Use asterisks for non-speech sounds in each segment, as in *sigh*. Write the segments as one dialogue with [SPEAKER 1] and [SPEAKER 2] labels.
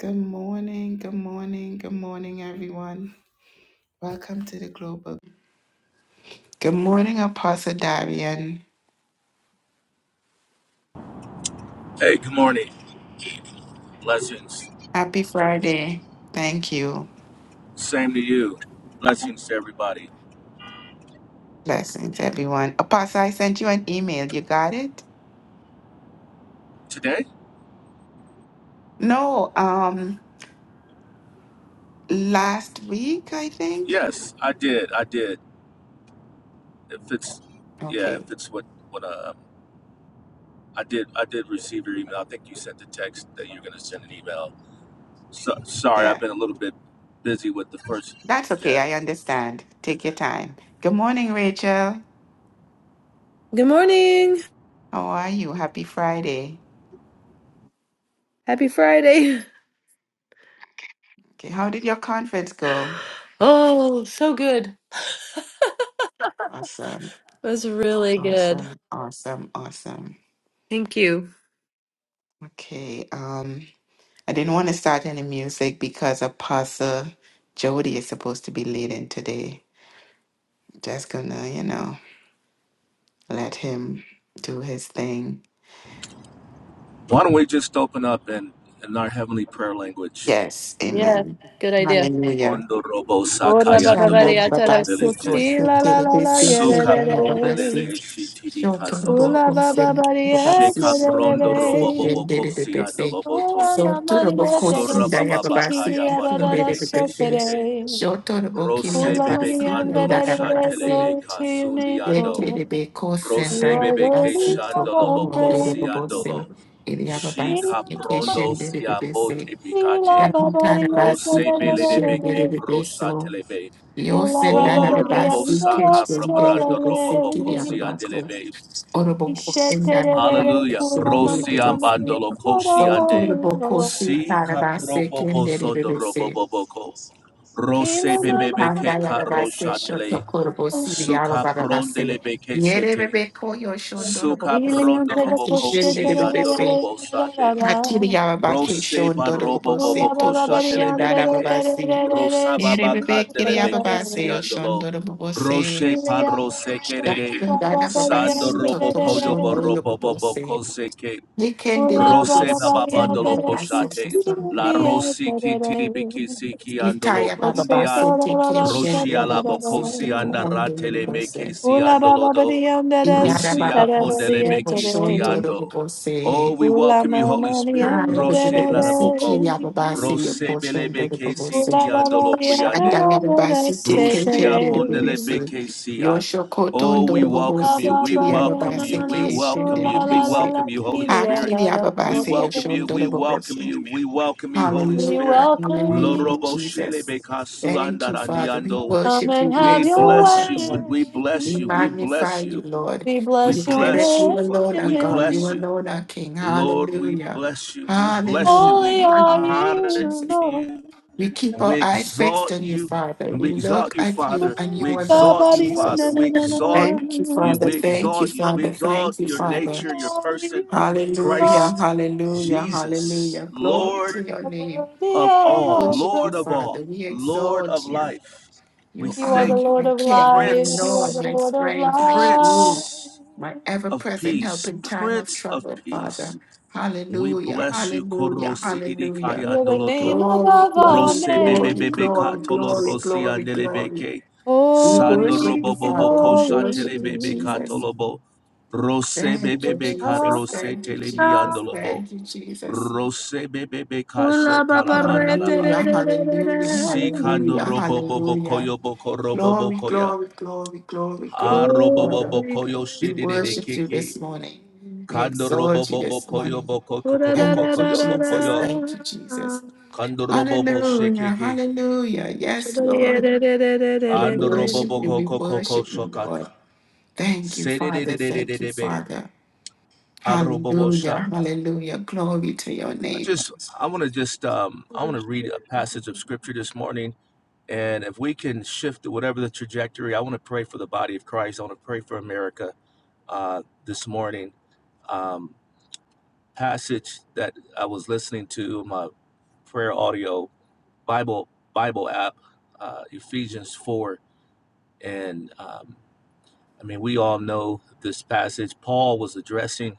[SPEAKER 1] Good morning, good morning, good morning, everyone. Welcome to the Global. Good morning, Apostle Darian.
[SPEAKER 2] Hey, good morning. Blessings.
[SPEAKER 1] Happy Friday. Thank you.
[SPEAKER 2] Same to you. Blessings to everybody.
[SPEAKER 1] Blessings, everyone. Apostle, I sent you an email. You got it?
[SPEAKER 2] Today?
[SPEAKER 1] No, um, last week, I think.
[SPEAKER 2] Yes, I did. I did. If it's, yeah,
[SPEAKER 1] Okay,
[SPEAKER 2] if it's what what uh, I did, I did receive your email. I think you sent the text that you're gonna send an email. So sorry, I've
[SPEAKER 1] yeah.
[SPEAKER 2] been a little bit busy with the first.
[SPEAKER 1] That's
[SPEAKER 2] Yeah.
[SPEAKER 1] okay. I understand. Take your time. Good morning, Rachel.
[SPEAKER 3] Good morning.
[SPEAKER 1] How are you? Happy Friday.
[SPEAKER 3] Happy Friday. *laughs*
[SPEAKER 1] Okay, how did your conference go?
[SPEAKER 3] Oh, so good.
[SPEAKER 1] Awesome,
[SPEAKER 3] That Was really good.
[SPEAKER 1] awesome, awesome, awesome.
[SPEAKER 3] Thank you.
[SPEAKER 1] Okay, um, I didn't want to start any music because Apostle Jody is supposed to be leading today. Just gonna, you know, let him do his thing.
[SPEAKER 2] Why don't we just open up and in our heavenly prayer language?
[SPEAKER 1] Yes,
[SPEAKER 3] Yeah,
[SPEAKER 1] amen.
[SPEAKER 3] good idea.
[SPEAKER 1] Hallelujah.
[SPEAKER 2] Ondo robo
[SPEAKER 3] Ora ba ba ba di
[SPEAKER 2] sakayandolo
[SPEAKER 1] Shandam
[SPEAKER 3] atara
[SPEAKER 1] Babasi,
[SPEAKER 2] burundeleke.
[SPEAKER 3] kusi
[SPEAKER 1] Corset,
[SPEAKER 3] la la la la
[SPEAKER 1] Telebisi,
[SPEAKER 3] ye re
[SPEAKER 2] Suka
[SPEAKER 3] re
[SPEAKER 1] Kendala
[SPEAKER 3] re.
[SPEAKER 1] Babasi,
[SPEAKER 2] brondeleke shitidi kasondo.
[SPEAKER 1] Shotorabo,
[SPEAKER 3] Ula ba ba
[SPEAKER 1] Corset,
[SPEAKER 3] ba di
[SPEAKER 1] Babasi,
[SPEAKER 3] ese re re
[SPEAKER 2] Shekaprondo
[SPEAKER 1] Session,
[SPEAKER 3] re.
[SPEAKER 2] Roboboko
[SPEAKER 1] Dedebisi,
[SPEAKER 2] Siandoloboto.
[SPEAKER 3] Ula
[SPEAKER 1] So
[SPEAKER 3] na ma di
[SPEAKER 1] Turabo
[SPEAKER 3] ete re
[SPEAKER 1] Corsi,
[SPEAKER 3] ji chi
[SPEAKER 2] Surababa
[SPEAKER 3] ki
[SPEAKER 1] Diababasi,
[SPEAKER 3] di
[SPEAKER 2] Kaya
[SPEAKER 3] ara ra ra ra
[SPEAKER 2] Bandelebeke
[SPEAKER 3] so te re.
[SPEAKER 1] Kendedebisi,
[SPEAKER 2] Shete.
[SPEAKER 1] Shotorabo Kiriam
[SPEAKER 2] Rose
[SPEAKER 3] Ula ma
[SPEAKER 2] Bebe
[SPEAKER 3] di
[SPEAKER 1] Babasi, and
[SPEAKER 3] anda
[SPEAKER 2] Kandolo
[SPEAKER 3] re re re.
[SPEAKER 1] Diababasi,
[SPEAKER 3] Glory
[SPEAKER 2] Shatelebeka
[SPEAKER 3] to your name,
[SPEAKER 2] Sundiando.
[SPEAKER 3] Lord.
[SPEAKER 1] Lekedebe Corset,
[SPEAKER 3] You
[SPEAKER 2] Rose
[SPEAKER 3] are
[SPEAKER 2] Bebe Ke
[SPEAKER 3] worthy
[SPEAKER 1] Diababasi,
[SPEAKER 3] of all
[SPEAKER 1] Topomo,
[SPEAKER 2] Shandoloboko
[SPEAKER 3] praise.
[SPEAKER 1] Dedabosi,
[SPEAKER 2] Siandolo.
[SPEAKER 3] Mula
[SPEAKER 1] Iliababasi,
[SPEAKER 3] baba
[SPEAKER 2] Shikaprondo
[SPEAKER 1] Keshen, Dedebisi,
[SPEAKER 2] Siambote Bikate. Rose
[SPEAKER 1] Yantarabasi, Kishen,
[SPEAKER 2] Belebeke Prosha
[SPEAKER 1] Dedebiso,
[SPEAKER 2] Telebe.
[SPEAKER 1] Yo senda na
[SPEAKER 2] O
[SPEAKER 1] baba
[SPEAKER 2] Robo
[SPEAKER 1] si
[SPEAKER 2] Saka
[SPEAKER 1] keshon de de
[SPEAKER 2] Brabrando
[SPEAKER 1] de se ki
[SPEAKER 2] Roboboko
[SPEAKER 1] ya baba
[SPEAKER 2] Siandelebe,
[SPEAKER 1] Orobo ko senda na baba
[SPEAKER 2] Hallelujah.
[SPEAKER 1] keshon de
[SPEAKER 2] Rosi ambandolo koshi
[SPEAKER 1] So
[SPEAKER 2] ande.
[SPEAKER 1] torobo ko si
[SPEAKER 2] Si
[SPEAKER 1] para ba se ken
[SPEAKER 2] kaprobobo
[SPEAKER 1] de
[SPEAKER 2] sondo roboboboko. Rose
[SPEAKER 1] Si
[SPEAKER 2] bebebe
[SPEAKER 1] kanda
[SPEAKER 2] ke
[SPEAKER 1] ya baba shoto
[SPEAKER 2] karoshatele.
[SPEAKER 1] korobo si ya
[SPEAKER 2] Suka
[SPEAKER 1] baba
[SPEAKER 2] prondele
[SPEAKER 1] Yere
[SPEAKER 2] sete.
[SPEAKER 1] bebe ko yo shon
[SPEAKER 2] Suka
[SPEAKER 1] si para
[SPEAKER 2] prondolo
[SPEAKER 1] keshon de
[SPEAKER 2] koshi ando robo
[SPEAKER 1] Akili Yababaki
[SPEAKER 2] Rose
[SPEAKER 1] Shon
[SPEAKER 2] barobo bobo
[SPEAKER 1] Dorobose Topo
[SPEAKER 2] kosha
[SPEAKER 3] bari
[SPEAKER 1] Shendara
[SPEAKER 3] andere
[SPEAKER 2] telebebeke.
[SPEAKER 3] re
[SPEAKER 1] Babasi.
[SPEAKER 3] re
[SPEAKER 2] Rosa
[SPEAKER 3] re re
[SPEAKER 2] baba
[SPEAKER 1] Yerebebe Kiri
[SPEAKER 2] kandelebeke
[SPEAKER 1] Yababase
[SPEAKER 3] re
[SPEAKER 1] Oshon
[SPEAKER 2] siandolo.
[SPEAKER 1] Dorobose.
[SPEAKER 2] Roche
[SPEAKER 3] Ula
[SPEAKER 2] palro sekerede.
[SPEAKER 1] Dara
[SPEAKER 3] baba dia
[SPEAKER 2] Sando
[SPEAKER 1] Babasi
[SPEAKER 3] da
[SPEAKER 2] robo
[SPEAKER 3] da
[SPEAKER 1] Toto
[SPEAKER 3] da da.
[SPEAKER 2] koyo
[SPEAKER 1] Shon
[SPEAKER 3] se
[SPEAKER 2] borobo bobo
[SPEAKER 1] Dorobose.
[SPEAKER 2] koseke.
[SPEAKER 1] Nikende Rebebe
[SPEAKER 2] Rose
[SPEAKER 1] Siti
[SPEAKER 2] bababandolo
[SPEAKER 1] Yababaso
[SPEAKER 2] koshate.
[SPEAKER 1] Tosan.
[SPEAKER 2] La rosiki tidibiki siki andolo
[SPEAKER 1] Itaya
[SPEAKER 2] brundia.
[SPEAKER 1] Bababase Teke Shen
[SPEAKER 2] Roshia la
[SPEAKER 1] Yerebebe Siti
[SPEAKER 2] bokosi
[SPEAKER 1] Kohon
[SPEAKER 2] andaratele meke
[SPEAKER 1] Dorobose.
[SPEAKER 2] si andolo do.
[SPEAKER 1] Inyara
[SPEAKER 2] Rusia
[SPEAKER 1] Bababasi
[SPEAKER 2] pondele
[SPEAKER 1] Nipo
[SPEAKER 2] beki
[SPEAKER 1] Shon
[SPEAKER 2] stiando. Oh,
[SPEAKER 1] Dorobose.
[SPEAKER 2] we welcome you, Holy Spirit. Roshe
[SPEAKER 1] Hallelujah.
[SPEAKER 2] la
[SPEAKER 1] Siki
[SPEAKER 2] boko.
[SPEAKER 1] Yababase
[SPEAKER 2] Rose
[SPEAKER 1] Yopo Shon
[SPEAKER 2] belebe kesi
[SPEAKER 1] Dorobose.
[SPEAKER 2] ti andolo kuyande.
[SPEAKER 1] Shandarabasite
[SPEAKER 3] da da
[SPEAKER 2] Rustia
[SPEAKER 3] se
[SPEAKER 1] Keshendebese.
[SPEAKER 2] Pondelebekesia.
[SPEAKER 1] Yoshokoton
[SPEAKER 2] Oh, we welcome
[SPEAKER 3] La
[SPEAKER 2] you.
[SPEAKER 1] Dorobosi
[SPEAKER 3] ba
[SPEAKER 2] We
[SPEAKER 3] ba ri ya
[SPEAKER 2] welcome
[SPEAKER 3] na na
[SPEAKER 2] you.
[SPEAKER 1] Tiriababase
[SPEAKER 2] We
[SPEAKER 3] na su
[SPEAKER 2] welcome
[SPEAKER 3] la
[SPEAKER 2] you. We
[SPEAKER 3] la la
[SPEAKER 1] Keshendebese.
[SPEAKER 3] la
[SPEAKER 2] welcome you,
[SPEAKER 3] ki
[SPEAKER 2] Holy
[SPEAKER 3] ri ya
[SPEAKER 2] Spirit.
[SPEAKER 1] Hakiri
[SPEAKER 3] da da
[SPEAKER 2] We
[SPEAKER 3] so
[SPEAKER 1] Ababase
[SPEAKER 3] ka
[SPEAKER 2] welcome
[SPEAKER 3] ra.
[SPEAKER 1] Yoshon
[SPEAKER 2] you. We welcome
[SPEAKER 1] Dorobosi.
[SPEAKER 2] you. We welcome you, Holy
[SPEAKER 3] We
[SPEAKER 2] Spirit.
[SPEAKER 1] Hallelujah,
[SPEAKER 3] welcome
[SPEAKER 1] hallelujah,
[SPEAKER 2] Lorobo
[SPEAKER 3] you.
[SPEAKER 1] Jesus.
[SPEAKER 2] shelebekasu
[SPEAKER 1] Thank you, Father. We
[SPEAKER 2] andarandiando.
[SPEAKER 3] Come
[SPEAKER 1] worship you.
[SPEAKER 3] and
[SPEAKER 1] We
[SPEAKER 2] We
[SPEAKER 3] have your
[SPEAKER 1] exalt
[SPEAKER 2] bless
[SPEAKER 1] you,
[SPEAKER 2] you
[SPEAKER 3] way.
[SPEAKER 2] and
[SPEAKER 1] Lord.
[SPEAKER 2] we
[SPEAKER 1] We
[SPEAKER 2] bless you. We
[SPEAKER 1] magnify
[SPEAKER 2] bless
[SPEAKER 1] you,
[SPEAKER 2] you.
[SPEAKER 1] Lord.
[SPEAKER 3] We
[SPEAKER 1] We
[SPEAKER 2] We
[SPEAKER 3] bless your
[SPEAKER 1] declare that
[SPEAKER 2] bless you,
[SPEAKER 1] you
[SPEAKER 2] Father.
[SPEAKER 1] alone are
[SPEAKER 2] We
[SPEAKER 1] God. You
[SPEAKER 2] bless
[SPEAKER 3] name.
[SPEAKER 2] you.
[SPEAKER 1] alone are King.
[SPEAKER 2] Lord, we
[SPEAKER 1] Hallelujah.
[SPEAKER 2] bless you. We
[SPEAKER 1] Hallelujah.
[SPEAKER 2] bless you.
[SPEAKER 3] Holy
[SPEAKER 2] We
[SPEAKER 3] are
[SPEAKER 1] Hallelujah,
[SPEAKER 2] honor
[SPEAKER 3] you,
[SPEAKER 1] Jesus.
[SPEAKER 3] Lord.
[SPEAKER 2] you.
[SPEAKER 1] We keep
[SPEAKER 2] And we
[SPEAKER 1] our eyes fixed
[SPEAKER 2] exalt
[SPEAKER 1] on you,
[SPEAKER 2] you.
[SPEAKER 1] Father.
[SPEAKER 2] And
[SPEAKER 1] We
[SPEAKER 2] we
[SPEAKER 1] look
[SPEAKER 2] exalt you,
[SPEAKER 1] at you
[SPEAKER 2] Father.
[SPEAKER 3] Ooh
[SPEAKER 1] and you
[SPEAKER 2] We
[SPEAKER 3] La ba
[SPEAKER 1] alone,
[SPEAKER 2] exalt
[SPEAKER 3] ba
[SPEAKER 2] you,
[SPEAKER 3] ri ya
[SPEAKER 2] Father.
[SPEAKER 3] na
[SPEAKER 1] Jesus.
[SPEAKER 2] We
[SPEAKER 3] na na na.
[SPEAKER 2] exalt
[SPEAKER 1] Thank you,
[SPEAKER 2] you.
[SPEAKER 1] Father.
[SPEAKER 2] We
[SPEAKER 1] Thank you,
[SPEAKER 2] exalt you. We
[SPEAKER 1] Father. Thank
[SPEAKER 2] exalt
[SPEAKER 1] you,
[SPEAKER 2] your
[SPEAKER 1] Father.
[SPEAKER 3] Holy
[SPEAKER 2] nature, your
[SPEAKER 3] are you,
[SPEAKER 2] person,
[SPEAKER 1] Hallelujah,
[SPEAKER 2] Christ
[SPEAKER 3] Lord.
[SPEAKER 1] hallelujah,
[SPEAKER 2] Jesus,
[SPEAKER 1] hallelujah. Glory
[SPEAKER 2] Lord
[SPEAKER 1] to your name.
[SPEAKER 3] Worthy
[SPEAKER 2] of
[SPEAKER 3] of
[SPEAKER 2] all,
[SPEAKER 3] all
[SPEAKER 1] Worship you,
[SPEAKER 2] Lord of
[SPEAKER 1] Father.
[SPEAKER 2] all,
[SPEAKER 3] praise.
[SPEAKER 1] We
[SPEAKER 2] Lord of
[SPEAKER 1] exalt you.
[SPEAKER 2] life. We
[SPEAKER 1] You
[SPEAKER 3] You are
[SPEAKER 1] are
[SPEAKER 3] the
[SPEAKER 2] thank you.
[SPEAKER 1] my
[SPEAKER 3] Lord of
[SPEAKER 1] King, my
[SPEAKER 3] life. You are
[SPEAKER 1] Lord,
[SPEAKER 3] the
[SPEAKER 2] Prince,
[SPEAKER 1] my
[SPEAKER 3] Lord of life.
[SPEAKER 1] strength, my shield,
[SPEAKER 2] Prince
[SPEAKER 1] my ever
[SPEAKER 2] of
[SPEAKER 1] present help
[SPEAKER 2] peace,
[SPEAKER 1] in time of
[SPEAKER 2] Prince of
[SPEAKER 1] trouble,
[SPEAKER 2] peace.
[SPEAKER 1] Father.
[SPEAKER 2] We
[SPEAKER 1] Hallelujah,
[SPEAKER 2] bless you, Koro
[SPEAKER 1] hallelujah,
[SPEAKER 2] Sidiri
[SPEAKER 1] hallelujah.
[SPEAKER 2] Kaya
[SPEAKER 3] You're the
[SPEAKER 2] Ndoloto.
[SPEAKER 3] name
[SPEAKER 1] Glory,
[SPEAKER 3] above all
[SPEAKER 1] glory,
[SPEAKER 2] Rose Bebe
[SPEAKER 1] glory,
[SPEAKER 2] Bebe
[SPEAKER 1] glory,
[SPEAKER 2] Katolo
[SPEAKER 1] glory,
[SPEAKER 3] names.
[SPEAKER 2] Rosi
[SPEAKER 1] glory, glory.
[SPEAKER 2] Andelebeke.
[SPEAKER 1] We
[SPEAKER 2] Sando
[SPEAKER 1] worship you,
[SPEAKER 2] Robo
[SPEAKER 3] Holy,
[SPEAKER 2] Bobo
[SPEAKER 1] Father. We
[SPEAKER 2] Kosha
[SPEAKER 1] worship
[SPEAKER 2] Tele
[SPEAKER 1] you,
[SPEAKER 2] Bebe
[SPEAKER 1] Jesus.
[SPEAKER 3] holy.
[SPEAKER 2] Katolobo. Rose
[SPEAKER 1] Thank
[SPEAKER 2] Bebe
[SPEAKER 1] you,
[SPEAKER 2] Beka
[SPEAKER 1] Jesus.
[SPEAKER 2] Rose
[SPEAKER 1] Thank you,
[SPEAKER 2] Tele
[SPEAKER 1] Jesus.
[SPEAKER 2] Miandolobo.
[SPEAKER 1] Thank you, Jesus.
[SPEAKER 2] Rose Bebe Beka
[SPEAKER 3] Kula
[SPEAKER 2] Sho
[SPEAKER 3] babare
[SPEAKER 2] Talamandalaba.
[SPEAKER 1] Hallelujah,
[SPEAKER 3] tererererere.
[SPEAKER 1] hallelujah,
[SPEAKER 2] Sikando
[SPEAKER 1] hallelujah,
[SPEAKER 2] Robo Bobo
[SPEAKER 1] hallelujah.
[SPEAKER 2] Koyo Boko Robo
[SPEAKER 1] Glory,
[SPEAKER 2] Bokoya.
[SPEAKER 1] glory, glory, glory,
[SPEAKER 2] Ha
[SPEAKER 1] glory,
[SPEAKER 2] Robo
[SPEAKER 1] Father.
[SPEAKER 2] Bobo
[SPEAKER 3] Glory,
[SPEAKER 2] Koyo
[SPEAKER 1] We
[SPEAKER 3] glory,
[SPEAKER 2] Shididi
[SPEAKER 1] worship you
[SPEAKER 2] Kiki.
[SPEAKER 1] this morning.
[SPEAKER 3] glory.
[SPEAKER 1] We
[SPEAKER 2] Kando Robo
[SPEAKER 1] exalt you
[SPEAKER 2] Bobo
[SPEAKER 1] this
[SPEAKER 2] Koyo
[SPEAKER 1] morning.
[SPEAKER 2] Boko Kokobo
[SPEAKER 1] Thank you,
[SPEAKER 2] Koyo
[SPEAKER 1] Jesus.
[SPEAKER 2] Bokoyo.
[SPEAKER 1] Thank you, Jesus.
[SPEAKER 3] Kura-ra-ra-ra-ra-ra.
[SPEAKER 2] Kandorobobo
[SPEAKER 1] Hallelujah,
[SPEAKER 2] shekeke.
[SPEAKER 1] hallelujah. Yes, Lord. We worship
[SPEAKER 2] Andorobobo
[SPEAKER 1] you.
[SPEAKER 3] Shabariyadadadadadada.
[SPEAKER 1] We
[SPEAKER 2] koko koko
[SPEAKER 1] worship you,
[SPEAKER 2] shokak.
[SPEAKER 1] Lord. Thank you, Father. Thank you,
[SPEAKER 2] Sededededededebe.
[SPEAKER 1] Father.
[SPEAKER 2] Harobobo sha.
[SPEAKER 1] Hallelujah, hallelujah. Glory to your
[SPEAKER 2] I
[SPEAKER 1] name.
[SPEAKER 2] just, I want to just, um, I want to read a passage of scripture this morning. And if we can shift to whatever the trajectory, I want to pray for the body of Christ. I want to pray for America uh, this morning. Um, passage that I was listening to in my prayer audio Bible Bible app, uh, Ephesians four, and um, I mean, we all know this passage. Paul was addressing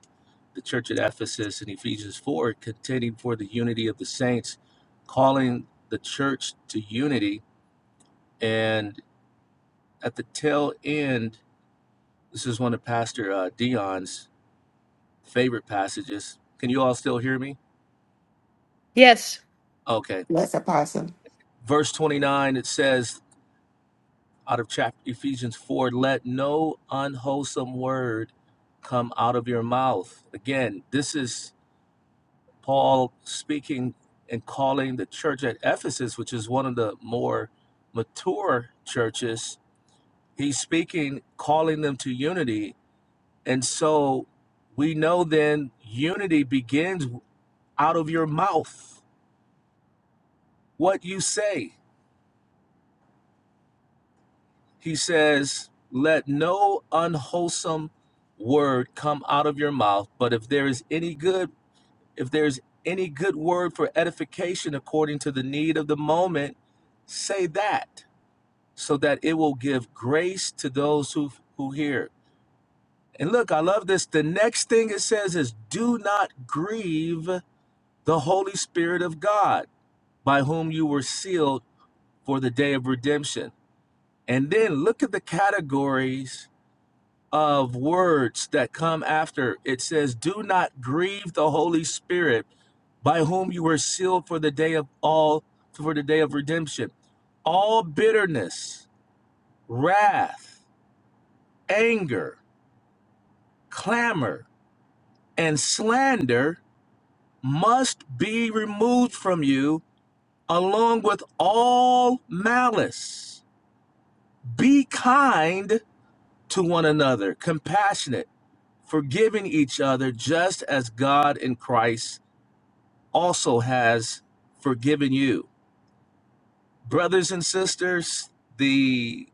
[SPEAKER 2] the church at Ephesus in Ephesians 4, contending for the unity of the saints, calling the church to unity. And at the tail end, this is one of Pastor uh, Dion's favorite passages. Can you all still hear me?
[SPEAKER 3] Yes.
[SPEAKER 2] Okay.
[SPEAKER 1] Bless Apostle.
[SPEAKER 2] Verse 29, it says out of chapter Ephesians 4, let no unwholesome word come out of your mouth. Again, this is Paul speaking and calling the church at Ephesus, which is one of the more mature churches, he's speaking, calling them to unity. And so we know then unity begins out of your mouth, what you say. He says, Let no unwholesome word come out of your mouth, but if there is any good, if there's any good word for edification according to the need of the moment, say that so that it will give grace to those who who hear. And look, I love this. The next thing it says is do not grieve the Holy Spirit of God, by whom you were sealed for the day of redemption. And then look at the categories of words that come after. It says do not grieve the Holy Spirit, by whom you were sealed for the day of all for the day of redemption. All bitterness, wrath, anger, clamor and slander must be removed from you, along with all malice. Be kind to one another, compassionate, forgiving each other, just as God in Christ also has forgiven you. Brothers and sisters, the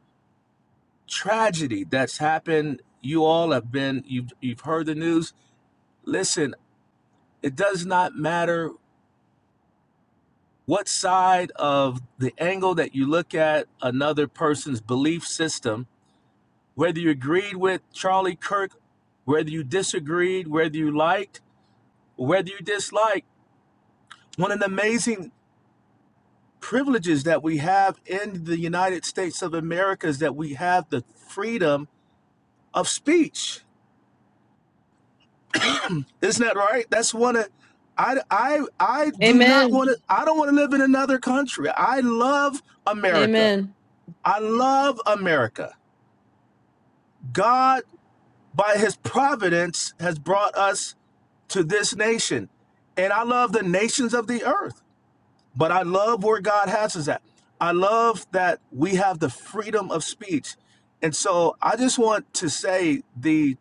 [SPEAKER 2] tragedy that's happened, you all have been, you've, you've heard the news. Listen, it does not matter what side of the angle that you look at another person's belief system, whether you agreed with Charlie Kirk, whether you disagreed, whether you liked, or whether you disliked, one of the amazing privileges that we have in the United States of America is that we have the freedom of speech. Isn't that right? That's one of I, I, I do not
[SPEAKER 3] Amen.
[SPEAKER 2] want to, I don't want to live in another country. I love America.
[SPEAKER 3] Amen.
[SPEAKER 2] I love America. God by his providence has brought us to this nation. And I love the nations of the earth, but I love where God has us at. I love that we have the freedom of speech. And so I just want to say the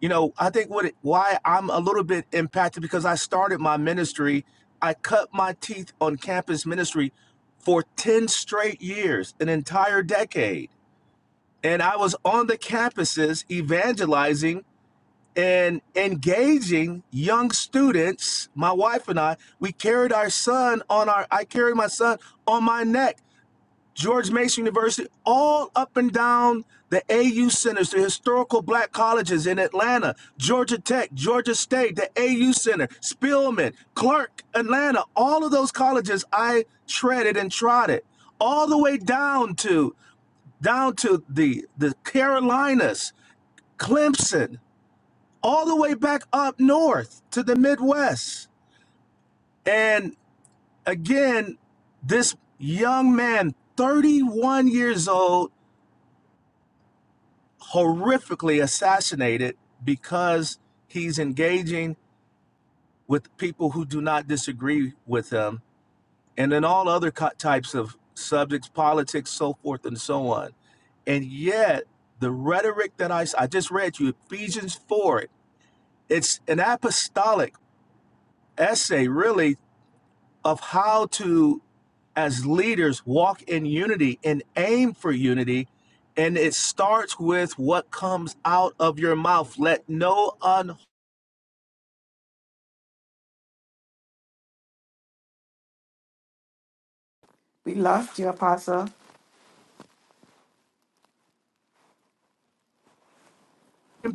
[SPEAKER 2] you know, I think what it, why I'm a little bit impacted because I started my ministry, I cut my teeth on campus ministry for 10 straight years, an entire decade. And I was on the campuses evangelizing and engaging young students my wife and i we carried our son on our i carried my son on my neck george mason university all up and down the au centers the historical black colleges in atlanta georgia tech georgia state the au center Spelman, clark atlanta all of those colleges i treaded and trotted all the way down to down to the the carolinas clemson all the way back up north to the Midwest. And again, this young man, 31 years old, horrifically assassinated because he's engaging with people who do not disagree with him, and then all other types of subjects, politics, so forth and so on. And yet, the rhetoric that I I just read you, Ephesians 4, it's an apostolic essay, really, of how to, as leaders, walk in unity and aim for unity. And it starts with what comes out of your mouth. Let no un
[SPEAKER 1] We lost you, Apostle.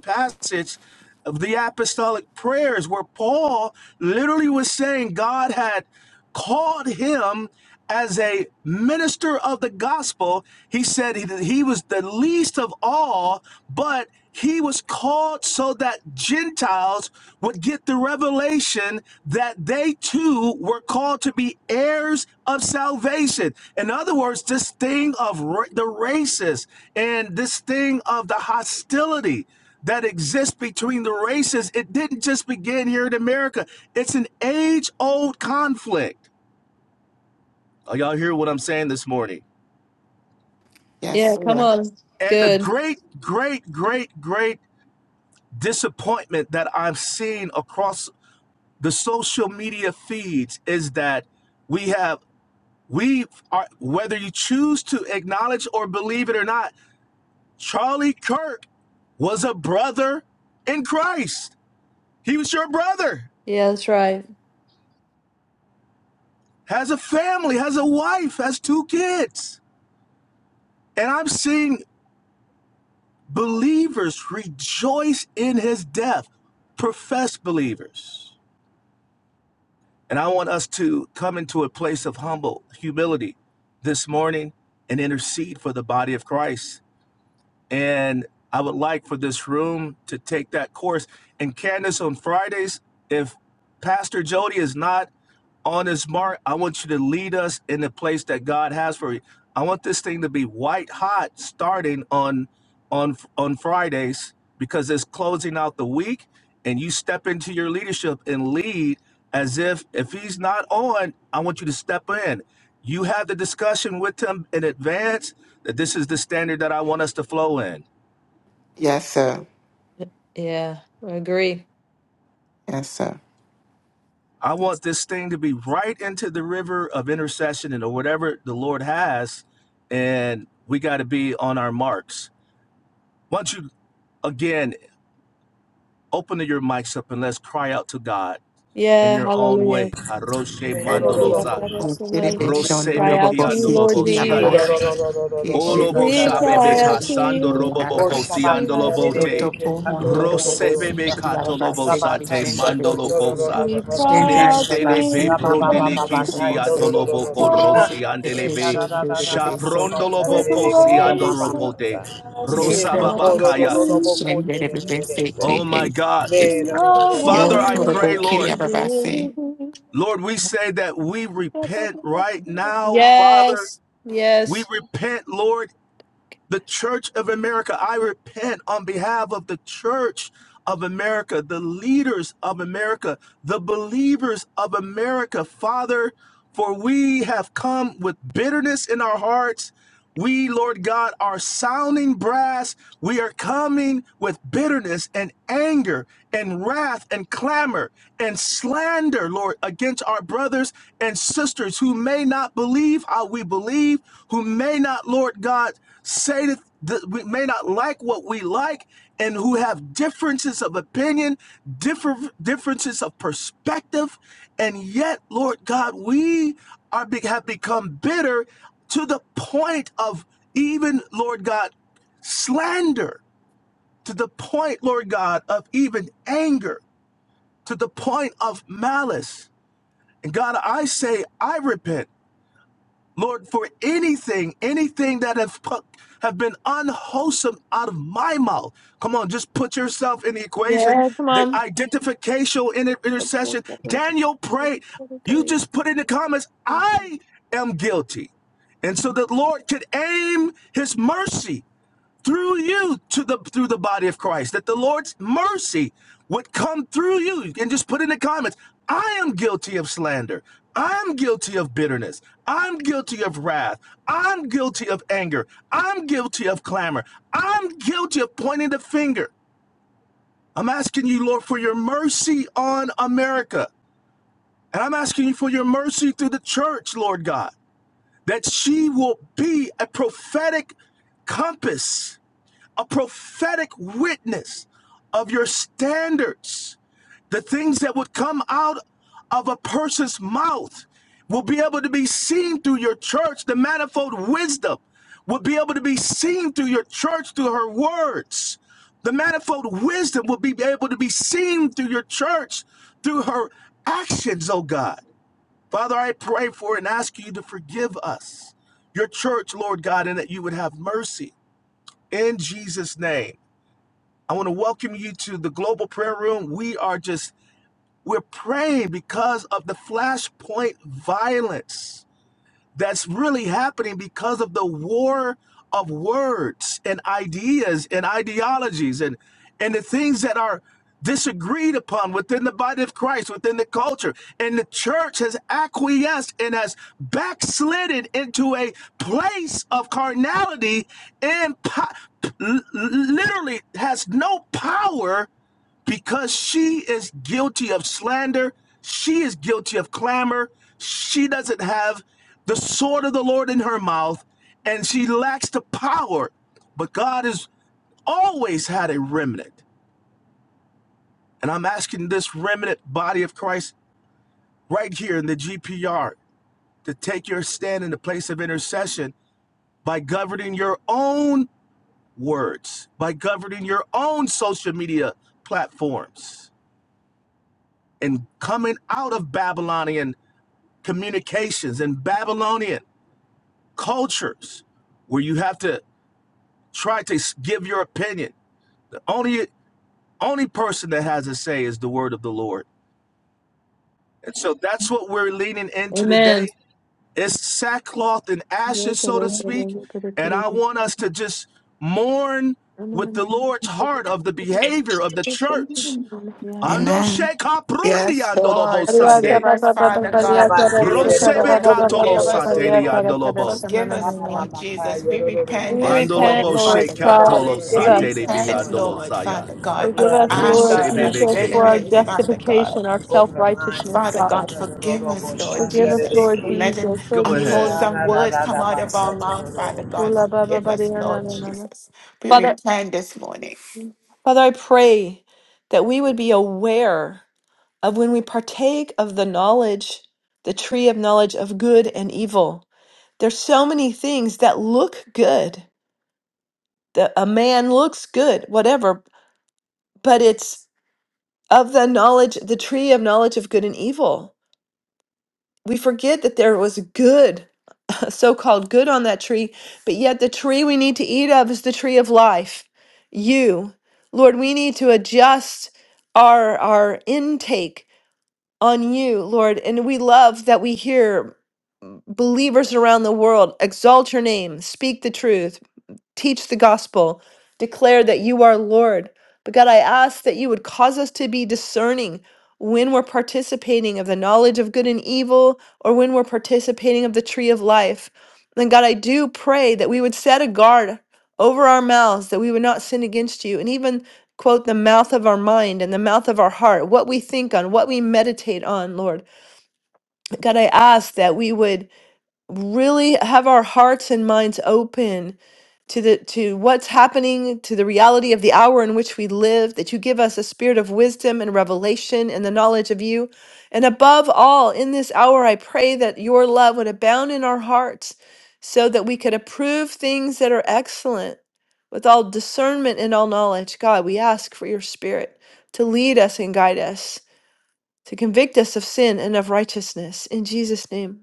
[SPEAKER 2] passage of the apostolic prayers where Paul literally was saying God had called him as a minister of the gospel. He said he, he was the least of all, but he was called so that Gentiles would get the revelation that they too were called to be heirs of salvation. In other words, this thing of ra- the races and this thing of the hostility that exists between the races. It didn't just begin here in America. It's an age old conflict. Are y'all hear what I'm saying this morning?
[SPEAKER 1] Yes,
[SPEAKER 3] Yeah, come
[SPEAKER 1] sir.
[SPEAKER 3] on.
[SPEAKER 2] And the
[SPEAKER 3] Good.
[SPEAKER 2] great, great, great, great disappointment that I'm seeing across the social media feeds is that we have, we are, whether you choose to acknowledge or believe it or not, Charlie Kirk was a brother in Christ. He was your brother.
[SPEAKER 3] Yeah, that's right.
[SPEAKER 2] has a family, has a wife, has two kids. And I'm seeing believers rejoice in his death, professed believers. And I want us to come into a place of humble humility this morning and intercede for the body of Christ. and I would like for this room to take that course. And Candace, on Fridays, if Pastor Jody is not on his mark, I want you to lead us in the place that God has for you. I want this thing to be white hot starting on on on Fridays because it's closing out the week, and you step into your leadership and lead as if if he's not on, I want you to step in. You have the discussion with him in advance that this is the standard that I want us to flow in.
[SPEAKER 1] Yes, sir.
[SPEAKER 3] Yeah, I agree.
[SPEAKER 1] Yes, sir.
[SPEAKER 2] I want this thing to be right into the river of intercession and or whatever the Lord has, and we got to be on our marks. Once you again open your mics up and let's cry out to God in
[SPEAKER 3] Yeah,
[SPEAKER 2] your own
[SPEAKER 3] hallelujah.
[SPEAKER 2] way. Karoshe
[SPEAKER 4] Thank
[SPEAKER 3] Lord, we have
[SPEAKER 2] mandolosa,
[SPEAKER 3] got us so many heavens, we
[SPEAKER 1] Kiribishon
[SPEAKER 3] cry
[SPEAKER 2] rosebe
[SPEAKER 3] out to you,
[SPEAKER 1] Dorobosi,
[SPEAKER 3] Lord
[SPEAKER 2] kiandolobo siande.
[SPEAKER 1] Kiriababasi,
[SPEAKER 3] Jesus.
[SPEAKER 1] Kishin,
[SPEAKER 2] Olobo
[SPEAKER 3] We
[SPEAKER 2] shabebe
[SPEAKER 3] cry out to
[SPEAKER 2] kasando
[SPEAKER 3] you,
[SPEAKER 2] robobo kosi
[SPEAKER 3] Lord
[SPEAKER 1] Babasi,
[SPEAKER 2] andolo
[SPEAKER 3] Jesus.
[SPEAKER 2] bote.
[SPEAKER 1] Doto Pohon
[SPEAKER 2] Rose
[SPEAKER 1] Dorobosi,
[SPEAKER 2] bebe katolobo
[SPEAKER 1] Kiriababasi,
[SPEAKER 2] sate
[SPEAKER 1] Kishin,
[SPEAKER 2] mandolo
[SPEAKER 1] Babasi,
[SPEAKER 2] kosa.
[SPEAKER 3] We
[SPEAKER 1] Shin
[SPEAKER 3] cry out to
[SPEAKER 2] Nextele be
[SPEAKER 1] Dadababasi,
[SPEAKER 3] you,
[SPEAKER 1] Pohon
[SPEAKER 2] brundele
[SPEAKER 3] Lord
[SPEAKER 2] kisi
[SPEAKER 1] Dorobosi,
[SPEAKER 2] atolobo
[SPEAKER 1] Kiriababasi,
[SPEAKER 3] Jesus.
[SPEAKER 2] rosi andele be.
[SPEAKER 1] Kishin, Babaso,
[SPEAKER 2] Shabrondolo
[SPEAKER 3] Make a
[SPEAKER 2] bokosi
[SPEAKER 3] way
[SPEAKER 2] andolo
[SPEAKER 1] Dorobosi,
[SPEAKER 3] for
[SPEAKER 2] bote.
[SPEAKER 3] us to
[SPEAKER 2] Rosa
[SPEAKER 1] Lekan
[SPEAKER 3] come to
[SPEAKER 2] babakaya.
[SPEAKER 1] Dadabasi, Shin,
[SPEAKER 3] you.
[SPEAKER 2] Oh
[SPEAKER 1] Babasi,
[SPEAKER 2] my
[SPEAKER 1] Kishin,
[SPEAKER 2] God.
[SPEAKER 3] No
[SPEAKER 2] Father,
[SPEAKER 1] Yo
[SPEAKER 2] I
[SPEAKER 3] one
[SPEAKER 1] Torobo,
[SPEAKER 2] pray,
[SPEAKER 4] you.
[SPEAKER 2] Lord.
[SPEAKER 1] Kiriababasi.
[SPEAKER 3] is-
[SPEAKER 2] Lord, we say that we repent right now, Father.
[SPEAKER 3] Yes,
[SPEAKER 2] We
[SPEAKER 3] yes,
[SPEAKER 2] repent, Lord, The Church of America, I repent on behalf of the Church of America, the leaders of America, the believers of America, Father, for we have come with bitterness in our hearts. We, Lord God, are sounding brass. We are coming with bitterness and anger and wrath and clamor and slander Lord, against our brothers and sisters who may not believe how we believe, who may not, Lord God, say that that we may not like what we like, and who have differences of opinion, different differences of perspective, and yet, Lord God, we are have become bitter to the point of even, Lord God, slander to the point, Lord God, of even anger, to the point of malice. And God, I say, I repent, Lord, for anything, anything that have put, have been unwholesome out of my mouth. Come on, just put yourself in the equation.
[SPEAKER 3] yeah, come
[SPEAKER 2] The
[SPEAKER 3] on.
[SPEAKER 2] identificational inter- intercession. Daniel prayed. You just put in the comments, I am guilty. And so that Lord could aim his mercy through you to the through the body of Christ, that the Lord's mercy would come through you. You can just put in the comments, I am guilty of slander. I'm guilty of bitterness. I'm guilty of wrath. I'm guilty of anger. I'm guilty of clamor. I'm guilty of pointing the finger. I'm asking you, Lord, for your mercy on America. And I'm asking you for your mercy through the church, Lord God, that she will be a prophetic compass a prophetic witness of your standards. The things that would come out of a person's mouth will be able to be seen through your church. The manifold wisdom will be able to be seen through your church, through her words. The manifold wisdom will be able to be seen through your church, through her actions, oh God. Father, I pray for and ask you to forgive us, your church, Lord God, and that you would have mercy in Jesus' name. I want to welcome you to the Global Prayer Room. We are just, we're praying because of the flashpoint violence that's really happening because of the war of words and ideas and ideologies and and the things that are disagreed upon within the body of Christ within the culture and the church has acquiesced and has backslidden into a place of carnality and po- literally has no power because she is guilty of slander. She is guilty of clamor. She doesn't have the sword of the Lord in her mouth, and she lacks the power. But God has always had a remnant. And I'm asking this remnant body of Christ right here in the GPR to take your stand in the place of intercession by governing your own words, by governing your own social media platforms, and coming out of Babylonian communications and Babylonian cultures where you have to try to give your opinion. The only only person that has a say is the word of the Lord. And so that's what we're leaning into
[SPEAKER 3] Amen.
[SPEAKER 2] today. It's sackcloth and
[SPEAKER 3] We
[SPEAKER 2] ashes, so to speak. And I want us to just mourn with the Lord's heart of the behavior of the church. Ando
[SPEAKER 1] Amen.
[SPEAKER 2] sheka prundi
[SPEAKER 1] Yes,
[SPEAKER 2] andolobo
[SPEAKER 1] Lord. Forgive
[SPEAKER 2] sande.
[SPEAKER 1] us, Father
[SPEAKER 4] In
[SPEAKER 1] God.
[SPEAKER 4] the
[SPEAKER 1] Forgive us,
[SPEAKER 2] Rosebe
[SPEAKER 1] Lord.
[SPEAKER 2] katolo
[SPEAKER 1] Forgive us,
[SPEAKER 2] sateli
[SPEAKER 1] Lord.
[SPEAKER 2] andolobo.
[SPEAKER 1] Forgive us, Lord Jesus. We repent this
[SPEAKER 2] Andolo
[SPEAKER 3] repent,
[SPEAKER 2] bo
[SPEAKER 1] morning,
[SPEAKER 3] Lord
[SPEAKER 1] Father God.
[SPEAKER 3] God.
[SPEAKER 4] name
[SPEAKER 2] shekatolo
[SPEAKER 4] of
[SPEAKER 1] We
[SPEAKER 3] Forgive us.
[SPEAKER 2] sate de
[SPEAKER 4] Jesus,
[SPEAKER 2] bi
[SPEAKER 1] repent,
[SPEAKER 4] Lord.
[SPEAKER 2] andolo
[SPEAKER 1] Lord,
[SPEAKER 2] saya.
[SPEAKER 1] Father
[SPEAKER 4] The
[SPEAKER 1] God,
[SPEAKER 3] Forgive
[SPEAKER 1] of
[SPEAKER 4] blood
[SPEAKER 3] us,
[SPEAKER 4] of
[SPEAKER 2] Rose
[SPEAKER 3] Lord
[SPEAKER 1] anger and
[SPEAKER 4] Jesus,
[SPEAKER 2] bebe
[SPEAKER 3] Jesus,
[SPEAKER 4] Lord
[SPEAKER 3] for our
[SPEAKER 4] God.
[SPEAKER 1] bitterness,
[SPEAKER 2] KKK.
[SPEAKER 1] Father God.
[SPEAKER 3] justification, our self
[SPEAKER 4] Over the
[SPEAKER 3] righteousness,
[SPEAKER 1] Father
[SPEAKER 4] minds.
[SPEAKER 3] God.
[SPEAKER 1] God, forgive us,
[SPEAKER 4] Hallelujah.
[SPEAKER 1] Lord
[SPEAKER 3] Forgive us,
[SPEAKER 1] Jesus,
[SPEAKER 3] Lord
[SPEAKER 1] for
[SPEAKER 4] Shandarereki.
[SPEAKER 1] letting
[SPEAKER 3] Jesus. Oh,
[SPEAKER 2] Go ahead.
[SPEAKER 3] Jesus.
[SPEAKER 1] unwholesome words come out of our mouth, Father
[SPEAKER 4] Sararararabasatoro.
[SPEAKER 3] Oh,
[SPEAKER 1] God.
[SPEAKER 3] la, ba, ba,
[SPEAKER 1] Forgive
[SPEAKER 3] ba, dee,
[SPEAKER 1] us,
[SPEAKER 3] na, na,
[SPEAKER 1] Lord
[SPEAKER 3] na, na, na.
[SPEAKER 1] Jesus. We
[SPEAKER 3] Father,
[SPEAKER 1] repent this morning.
[SPEAKER 3] Father, I pray that we would be aware of when we partake of the knowledge, the tree of knowledge of good and evil. There's so many things that look good. That a man looks good, whatever, but it's of the knowledge, the tree of knowledge of good and evil. We forget that there was good so-called good on that tree, but yet the tree we need to eat of is the tree of life. You, Lord, we need to adjust our our intake on you, Lord, and we love that we hear believers around the world exalt your name, speak the truth teach the gospel, declare that you are Lord. But God, I ask that you would cause us to be discerning when we're participating of the knowledge of good and evil or when we're participating of the tree of life. And God, I do pray that we would set a guard over our mouths, that we would not sin against you, and even quote the mouth of our mind and the mouth of our heart, what we think on, what we meditate on, Lord. God, I ask that we would really have our hearts and minds open to the to what's happening to the reality of the hour in which we live that you give us a spirit of wisdom and revelation and the knowledge of you and above all in this hour i pray that your love would abound in our hearts so that we could approve things that are excellent with all discernment and all knowledge god we ask for your spirit to lead us and guide us to convict us of sin and of righteousness in jesus name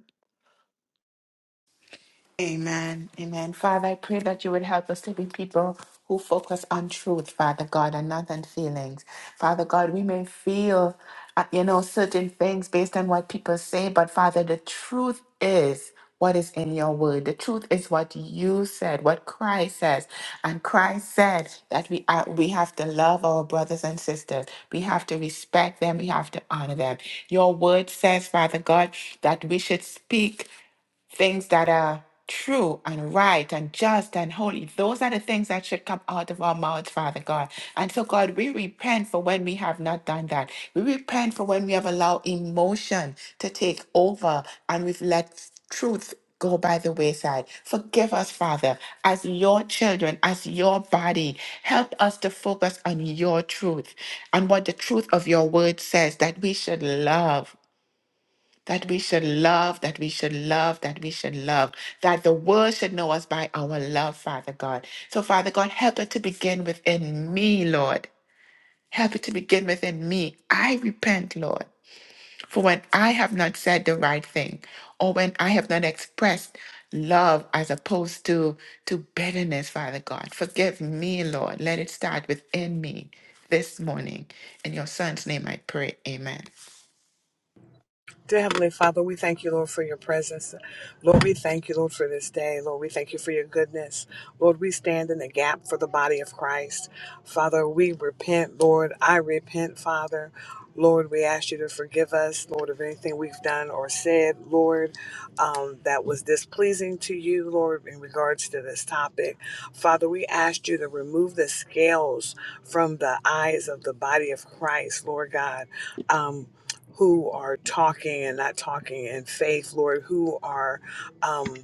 [SPEAKER 1] Amen. Amen. Father, I pray that you would help us to be people who focus on truth, Father God, and not on feelings. Father God, we may feel, uh, you know, certain things based on what people say, but Father, the truth is what is in your word. The truth is what you said, what Christ says. And Christ said that we are, we have to love our brothers and sisters. We have to respect them. We have to honor them. Your word says, Father God, that we should speak things that are true and right and just and holy. Those are the things that should come out of our mouths, Father God. And so, God, we repent for when we have not done that. We repent for when we have allowed emotion to take over and we've let truth. Go by the wayside. Forgive us, Father, as your children, as your body. Help us to focus on your truth and what the truth of your word says that we should love that we should love, that we should love, that we should love, that the world should know us by our love, Father God. So, Father God, help it to begin within me, Lord. Help it to begin within me. I repent, Lord, for when I have not said the right thing or when I have not expressed love as opposed to, to bitterness, Father God. Forgive me, Lord. Let it start within me this morning. In your son's name I pray. Amen.
[SPEAKER 4] Dear Heavenly Father, we thank you, Lord, for your presence. Lord, we thank you, Lord, for this day. Lord, we thank you for your goodness. Lord, we stand in the gap for the body of Christ. Father, we repent, Lord. I repent, Father. Lord, we ask you to forgive us, Lord, of anything we've done or said, Lord, um, that was displeasing to you, Lord, in regards to this topic. Father, we ask you to remove the scales from the eyes of the body of Christ, Lord God. Um, who are talking and not talking in faith, Lord, who are um,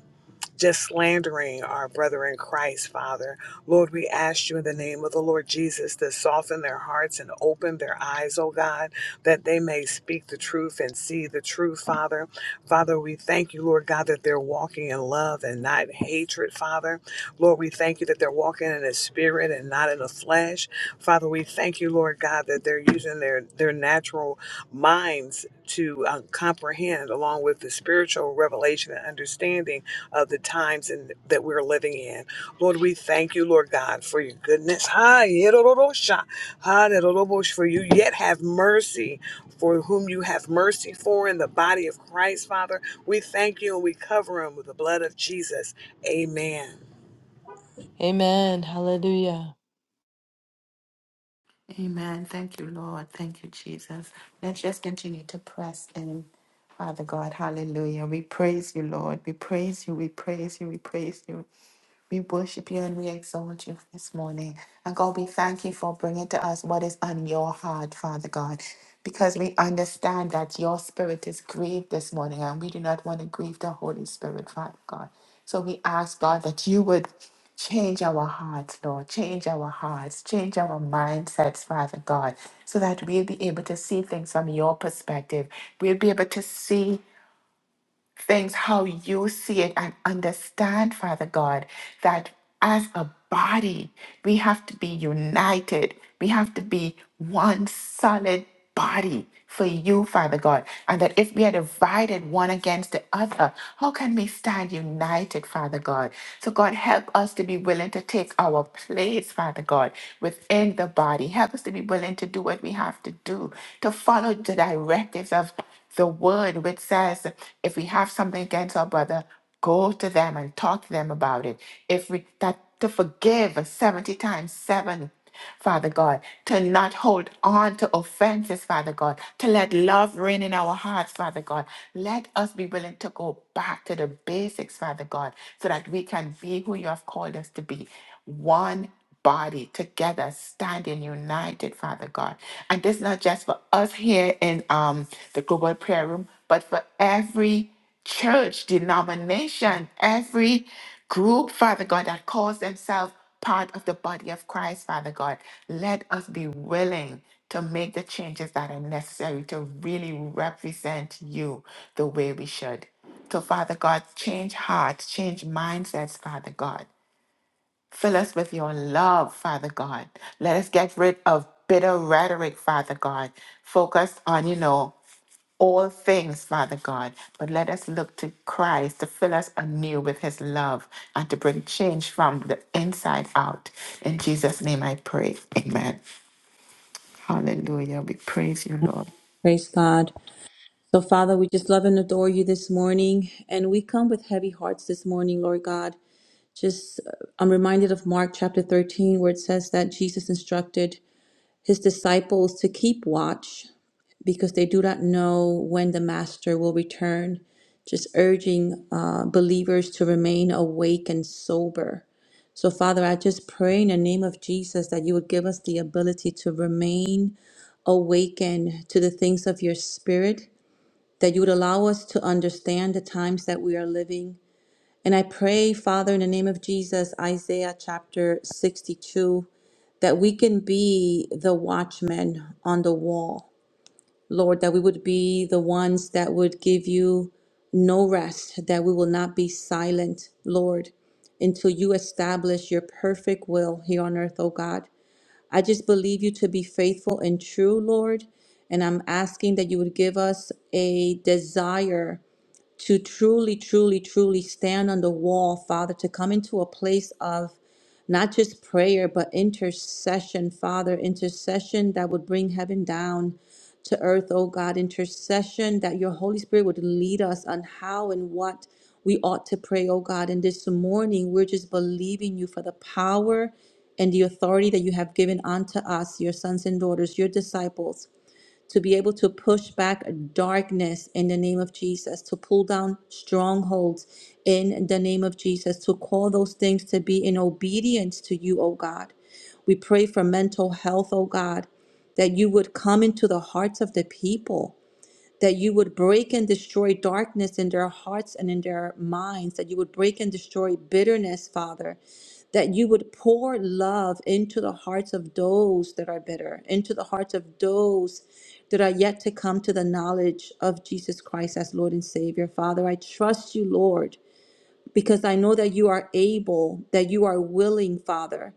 [SPEAKER 4] just slandering our brother in Christ, Father. Lord, we ask you in the name of the Lord Jesus to soften their hearts and open their eyes, oh God, that they may speak the truth and see the truth, Father. Father, we thank you, Lord God, that they're walking in love and not hatred, Father. Lord, we thank you that they're walking in the spirit and not in the flesh. Father, we thank you, Lord God, that they're using their, their natural minds to uh, comprehend, along with the spiritual revelation and understanding of the times in, that we're living in. Lord, we thank you, Lord God, for your goodness. Ha, yedororosha, ha, dedorobosh, For you yet have mercy for whom you have mercy for in the body of Christ, Father. We thank you and we cover him with the blood of Jesus. Amen.
[SPEAKER 3] Amen. Hallelujah.
[SPEAKER 1] Amen. Thank you, Lord. Thank you, Jesus. Let's just continue to press in, Father God. Hallelujah. We praise you, Lord. We praise you. We praise you. We praise you. We worship you and we exalt you this morning. And God, we thank you for bringing to us what is on your heart, Father God, because we understand that your spirit is grieved this morning and we do not want to grieve the Holy Spirit, Father God. So we ask, God, that you would change our hearts, Lord. Change our hearts, change our mindsets, Father God, so that we'll be able to see things from your perspective. We'll be able to see things how you see it and understand, Father God, that as a body, we have to be united. We have to be one solid body for you, Father God. And that if we are divided one against the other, how can we stand united, Father God? So, God, help us to be willing to take our place, Father God, within the body. Help us to be willing to do what we have to do, to follow the directives of the word which says, if we have something against our brother, go to them and talk to them about it. If we that to forgive 70 times seven, Father God, to not hold on to offenses, Father God, to let love reign in our hearts, Father God. Let us be willing to go back to the basics, Father God, so that we can be who you have called us to be. One body together, standing united, Father God. And this is not just for us here in um, the Global Prayer Room, but for every church, denomination, every group, Father God, that calls themselves part of the body of Christ, Father God. Let us be willing to make the changes that are necessary to really represent you the way we should. So, Father God, change hearts, change mindsets, Father God. Fill us with your love, Father God. Let us get rid of bitter rhetoric, Father God. Focus on, you know, all things, Father God. But let us look to Christ to fill us anew with his love and to bring change from the inside out. In Jesus' name I pray. Amen. Hallelujah. We praise you, Lord.
[SPEAKER 5] Praise God. So, Father, we just love and adore you this morning. And we come with heavy hearts this morning, Lord God. Just, uh, I'm reminded of Mark chapter 13, where it says that Jesus instructed his disciples to keep watch because they do not know when the master will return, just urging uh, believers to remain awake and sober. So, Father, I just pray in the name of Jesus that you would give us the ability to remain awakened to the things of your spirit that you would allow us to understand the times that we are living. And I pray, Father, in the name of Jesus, Isaiah chapter 62, that we can be the watchmen on the wall. Lord, that we would be the ones that would give you no rest, that we will not be silent, Lord, until you establish your perfect will here on earth, O God. I just believe you to be faithful and true, Lord. And I'm asking that you would give us a desire to truly, truly, truly stand on the wall, Father, to come into a place of not just prayer, but intercession, Father, intercession that would bring heaven down to earth, oh God, intercession that your Holy Spirit would lead us on how and what we ought to pray, oh God. And this morning, we're just believing you for the power and the authority that you have given unto us, your sons and daughters, your disciples to be able to push back darkness in the name of Jesus, to pull down strongholds in the name of Jesus, to call those things to be in obedience to you, oh God. We pray for mental health, oh God, that you would come into the hearts of the people that you would break and destroy darkness in their hearts and in their minds, that you would break and destroy bitterness, Father, that you would pour love into the hearts of those that are bitter, into the hearts of those that are yet to come to the knowledge of Jesus Christ as Lord and Savior. Father, I trust you, Lord, because I know that you are able, that you are willing, Father.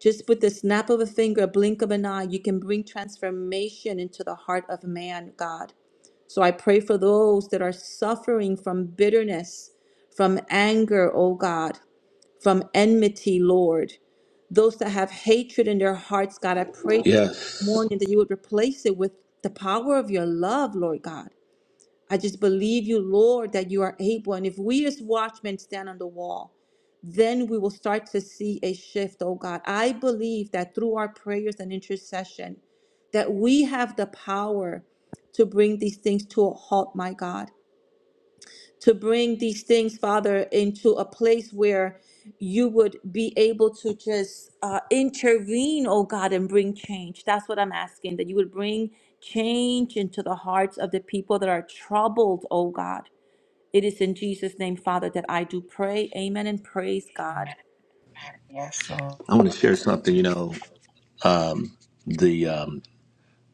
[SPEAKER 5] Just with the snap of a finger, a blink of an eye, you can bring transformation into the heart of man, God. So I pray for those that are suffering from bitterness, from anger, oh God, from enmity, Lord. Those that have hatred in their hearts, God, I pray this
[SPEAKER 2] Yes,
[SPEAKER 5] morning that you would replace it with the power of your love, Lord God. I just believe you, Lord, that you are able. And if we as watchmen stand on the wall, then we will start to see a shift, oh God. I believe that through our prayers and intercession, that we have the power to bring these things to a halt, my God, to bring these things, Father, into a place where you would be able to just uh, intervene, oh God, and bring change. That's what I'm asking, that you would bring change into the hearts of the people that are troubled, oh God. It is in Jesus' name, Father, that I do pray. Amen and praise God.
[SPEAKER 1] Amen. Yes, Lord.
[SPEAKER 2] I want to share something. You know, um, the um,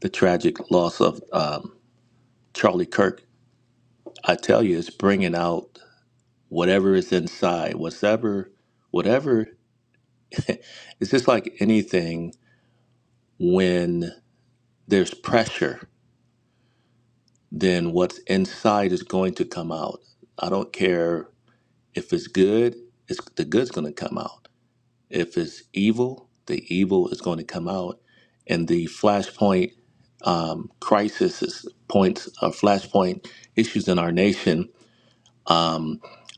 [SPEAKER 2] the tragic loss of um, Charlie Kirk. I tell you, it's bringing out whatever is inside, whatever, whatever. It's just like anything. When there's pressure, then what's inside is going to come out. I don't care if it's good; it's the good's going to come out. If it's evil, the evil is going to come out. And the flashpoint um, crisis is points, uh, flashpoint issues in our nation.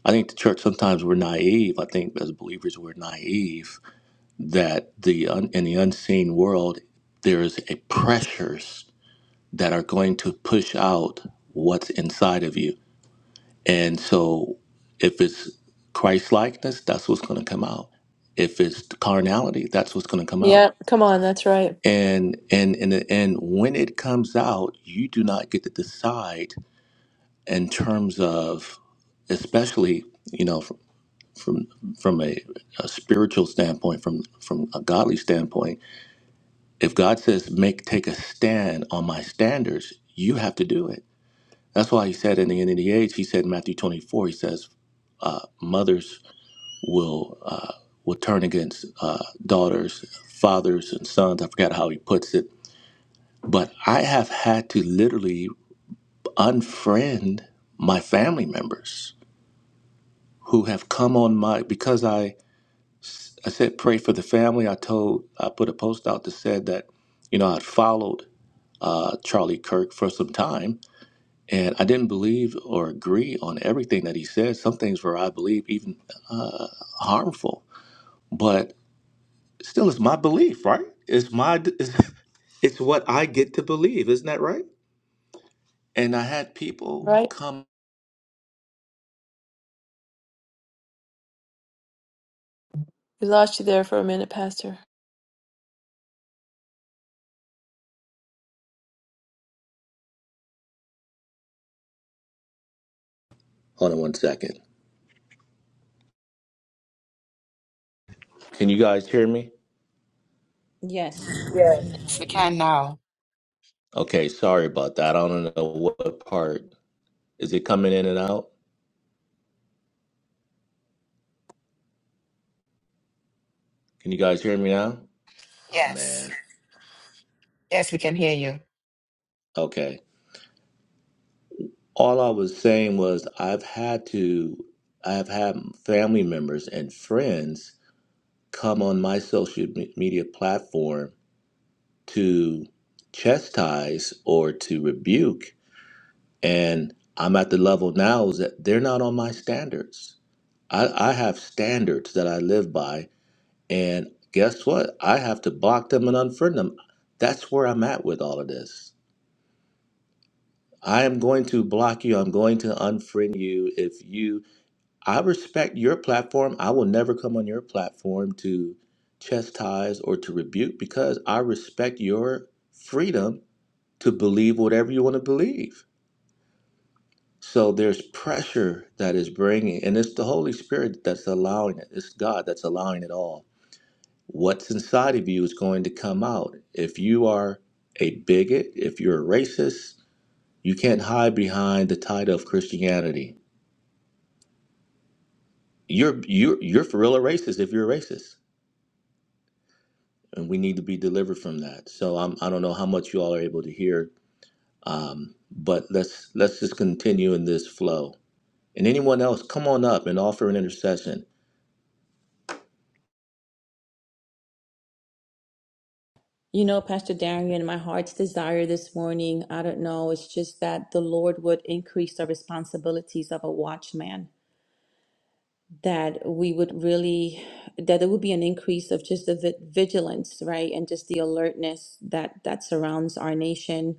[SPEAKER 2] I think the church sometimes we're naive. I think as believers we're naive that the un- in the unseen world there is a pressures that are going to push out what's inside of you. And so if it's Christ likeness, that's what's going to come out. If it's carnality, that's what's going to come out.
[SPEAKER 3] Yeah, come on. That's right.
[SPEAKER 2] and and and and when it comes out you do not get to decide in terms of especially you know from from, from a, a spiritual standpoint from from a godly standpoint if god says make take a stand on my standards you have to do it that's why he said in the end of the age he said in matthew 24 he says mothers will uh, will turn against uh, daughters fathers and sons i forgot how he puts it but I have had to literally unfriend my family members who have come on my because I I said pray for the family. I told I put a post out that said that you know I'd followed uh, Charlie Kirk for some time and I didn't believe or agree on everything that he said. Some things were I believe even uh, harmful, but still it's my belief, right? It's my *laughs* it's, it's what I get to believe, isn't that right? And I had people
[SPEAKER 3] Right?
[SPEAKER 2] come.
[SPEAKER 3] We lost you there for a minute, Pastor.
[SPEAKER 2] Hold on one second. Can you guys hear me?
[SPEAKER 5] Yes.
[SPEAKER 1] Yes, we can now.
[SPEAKER 2] Okay, sorry about that. I don't know what part. Is it coming in and out? Can you guys hear me now? Oh
[SPEAKER 1] Yes.
[SPEAKER 2] man.
[SPEAKER 1] Yes, we can hear you.
[SPEAKER 2] Okay. All I was saying was I've had to I've had family members and friends come on my social me- media platform to chastise or to rebuke and I'm at the level now is that they're not on my standards. I, I have standards that I live by And guess what? I have to block them and unfriend them. That's where I'm at with all of this. I am going to block you. I'm going to unfriend you. If you, I respect your platform. I will never come on your platform to chastise or to rebuke because I respect your freedom to believe whatever you want to believe. So there's pressure that is bringing, and it's the Holy Spirit that's allowing it. It's God that's allowing it all what's inside of you is going to come out. If you are a bigot, if you're a racist, you can't hide behind the title of Christianity. You're you're you're for real a racist if you're a racist, and we need to be delivered from that. So I'm I don't know how much you all are able to hear, um, but let's let's just continue in this flow. And anyone else, come on up and offer an intercession.
[SPEAKER 5] You know, Pastor Darian, my heart's desire this morning, I don't know, it's just that the Lord would increase the responsibilities of a watchman, that we would really, that there would be an increase of just the vi- vigilance, right? And just the alertness that that surrounds our nation,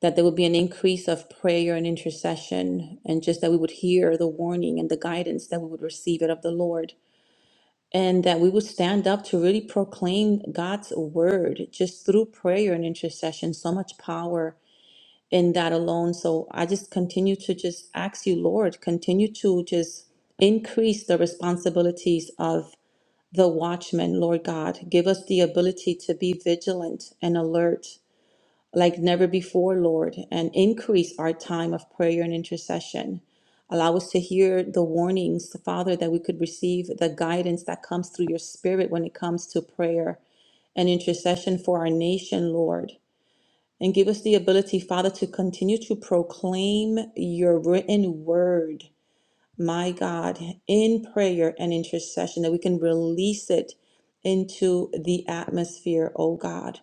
[SPEAKER 5] that there would be an increase of prayer and intercession, and just that we would hear the warning and the guidance that we would receive it of the Lord. and that we would stand up to really proclaim God's word just through prayer and intercession. So much power in that alone. So I just continue to just ask you, Lord, continue to just increase the responsibilities of the watchman, Lord God. Give us the ability to be vigilant and alert like never before, Lord, and increase our time of prayer and intercession. Allow us to hear the warnings, Father, that we could receive the guidance that comes through your Spirit when it comes to prayer and intercession for our nation, Lord. And give us the ability, Father, to continue to proclaim your written word, my God, in prayer and intercession, that we can release it into the atmosphere, oh God.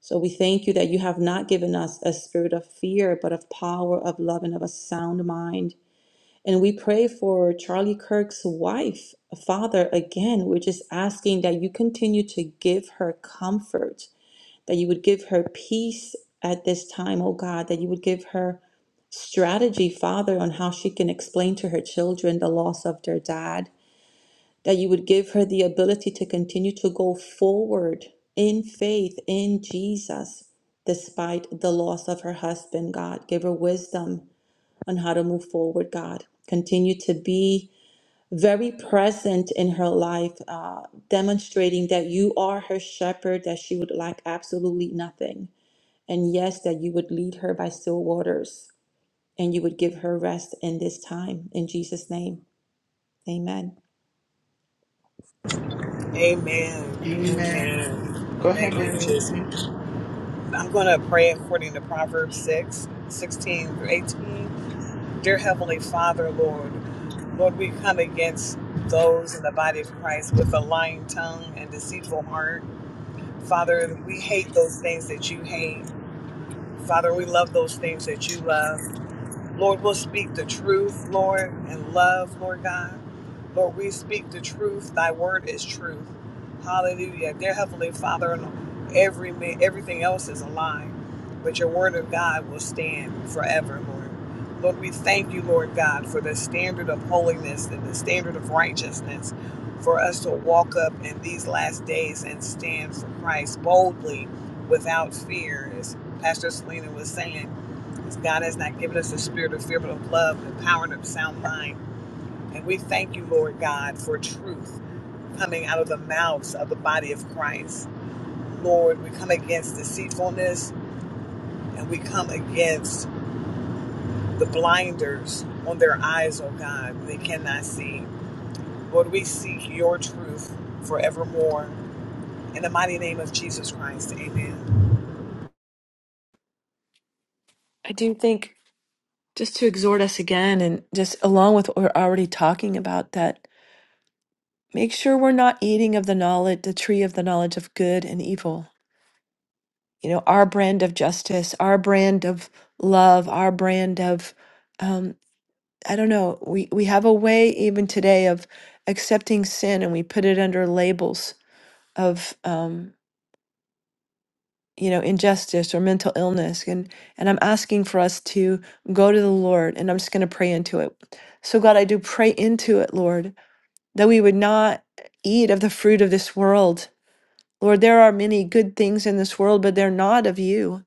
[SPEAKER 5] So we thank you that you have not given us a spirit of fear, but of power, of love, and of a sound mind. And we pray for Charlie Kirk's wife, Father, again, we're just asking that you continue to give her comfort, that you would give her peace at this time, oh God, that you would give her strategy, Father, on how she can explain to her children the loss of their dad that you would give her the ability to continue to go forward in faith in Jesus despite the loss of her husband, God. Give her wisdom on how to move forward, God. Continue to be very present in her life, uh, demonstrating that you are her shepherd, that she would lack absolutely nothing. And yes, that you would lead her by still waters and you would give her rest in this time. In Jesus' name, amen.
[SPEAKER 4] Amen.
[SPEAKER 1] Amen. Go
[SPEAKER 4] Amen. Thank
[SPEAKER 1] ahead,
[SPEAKER 4] you,
[SPEAKER 1] Darren.
[SPEAKER 4] Jesus. I'm going to pray according to Proverbs 6, 16 through 18. Dear Heavenly Father, Lord, Lord, we come against those in the body of Christ with a lying tongue and deceitful heart. Father, we hate those things that you hate. Father, we love those things that you love. Lord, we'll speak the truth, Lord, and love, Lord God. Lord, we speak the truth. Thy word is truth. Hallelujah. Dear Heavenly Father, and every everything else is a lie, but your word of God will stand forever, Lord. Lord, we thank you, Lord God, for the standard of holiness and the standard of righteousness for us to walk up in these last days and stand for Christ boldly without fear, as Pastor Selena was saying. Because God has not given us a spirit of fear, but of love, and power, and of sound mind. And we thank you, Lord God, for truth coming out of the mouths of the body of Christ. Lord, we come against deceitfulness and we come against the blinders on their eyes, oh God, they cannot see. Lord, we seek your truth forevermore. In the mighty name of Jesus Christ, amen.
[SPEAKER 3] I do think just to exhort us again, and just along with what we're already talking about, that make sure we're not eating of the knowledge, the tree of the knowledge of good and evil. You know, our brand of justice, our brand of love, our brand of, um, I don't know, we, we have a way even today of accepting sin and we put it under labels of. um, you know injustice or mental illness and and i'm asking for us to go to the lord and i'm just going to pray into it so god i do pray into it lord that we would not eat of the fruit of this world lord there are many good things in this world but they're not of you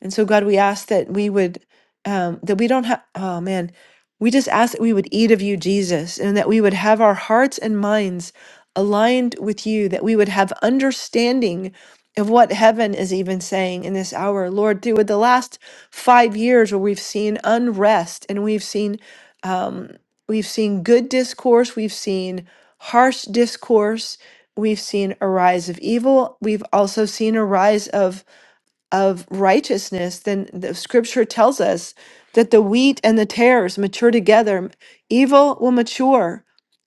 [SPEAKER 3] and so, God, we ask that we would, um, that we don't have, oh man, we just ask that we would eat of you, Jesus, and that we would have our hearts and minds aligned with you, that we would have understanding of what heaven is even saying in this hour. Lord, through the last five years where we've seen unrest and we've seen, um, we've seen good discourse, we've seen harsh discourse, we've seen a rise of evil, we've also seen a rise of of righteousness, then the scripture tells us that the wheat and the tares mature together. Evil will mature,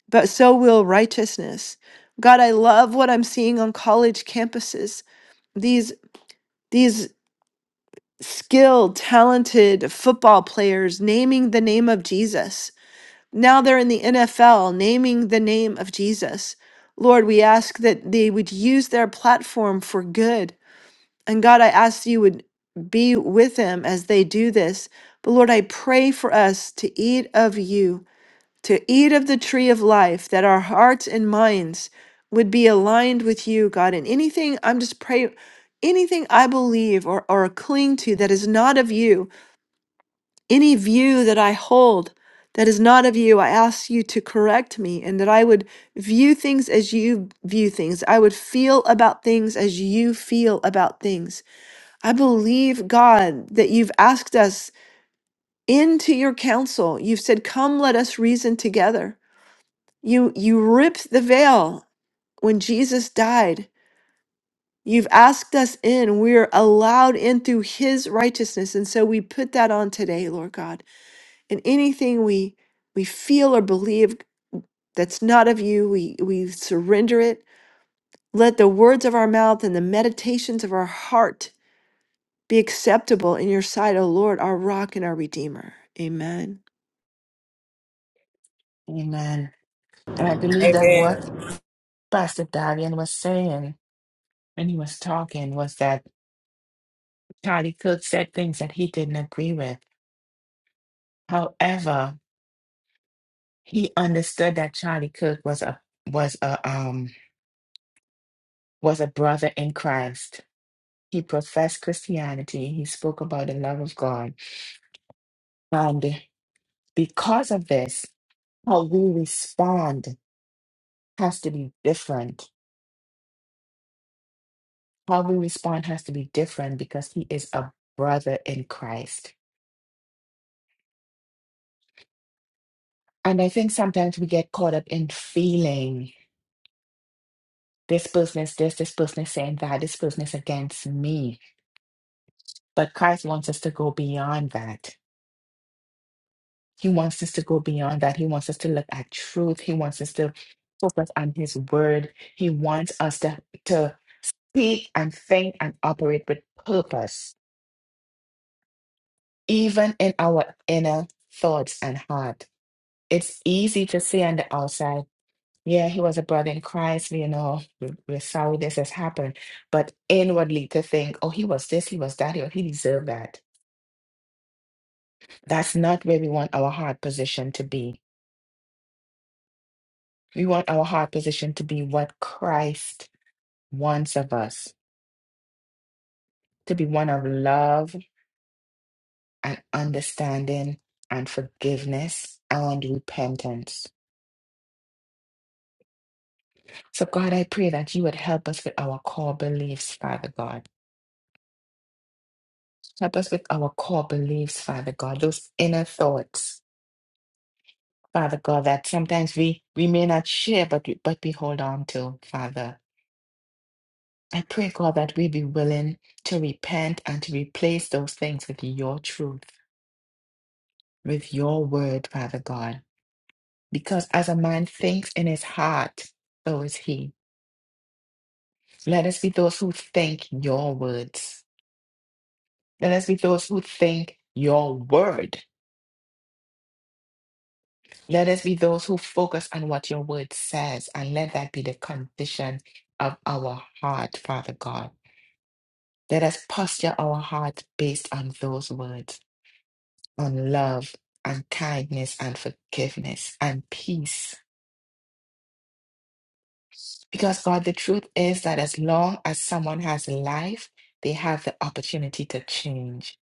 [SPEAKER 3] but so will righteousness. God, I love what I'm seeing on college campuses. These these skilled, talented football players naming the name of Jesus. Now they're in the NFL naming the name of Jesus. Lord, we ask that they would use their platform for good and God, I ask you would be with them as they do this. But Lord, I pray for us to eat of you, to eat of the tree of life, that our hearts and minds would be aligned with you, God. And anything I'm just praying, anything I believe or, or cling to that is not of you, any view that I hold that is not of you, I ask you to correct me and that I would view things as you view things. I would feel about things as you feel about things. I believe, God, that you've asked us into your counsel. You've said, Come, let us reason together. You, you ripped the veil when Jesus died. You've asked us in. We're allowed in through his righteousness. And so we put that on today, Lord God. And anything we, we feel or believe that's not of you, we, we surrender it. Let the words of our mouth and the meditations of our heart be acceptable in your sight, O Lord, our rock and our redeemer. Amen.
[SPEAKER 1] Amen. And I believe that what
[SPEAKER 4] Amen.
[SPEAKER 1] Pastor Darian was saying when he was talking was that Charlie Kirk said things that he didn't agree with. However, he understood that Charlie Kirk was a was a um was a brother in Christ. He professed Christianity. He spoke about the love of God, and because of this, how we respond has to be different. How we respond has to be different because he is a brother in Christ. And I think sometimes we get caught up in feeling This business, this, this business, saying that, this business against me. But Christ wants us to go beyond that. He wants us to go beyond that. He wants us to look at truth. He wants us to focus on His word. He wants us to, to speak and think and operate with purpose, even in our inner thoughts and heart. It's easy to say on the outside Yeah, he was a brother in Christ. You know, we- we're sorry this has happened. But inwardly to think, oh, he was this, he was that, he, he deserved that. That's not where we want our heart position to be. We want our heart position to be what Christ wants of us, to be one of love and understanding and forgiveness and repentance. So, God, I pray that you would help us with our core beliefs, Father God. Help us with our core beliefs, Father God, those inner thoughts Father God, that sometimes we, we may not share, but we, but we hold on to, Father. I pray, God, that we be willing to repent and to replace those things with your truth, with your word, Father God. Because as a man thinks in his heart, so is he. Let us be those who think your words. Let us be those who think your word. Let us be those who focus on what your word says, and let that be the condition of our heart, Father God. Let us posture our heart based on those words, on love and kindness and forgiveness and peace. Because, God, the truth is that as long as someone has life, they have the opportunity to change.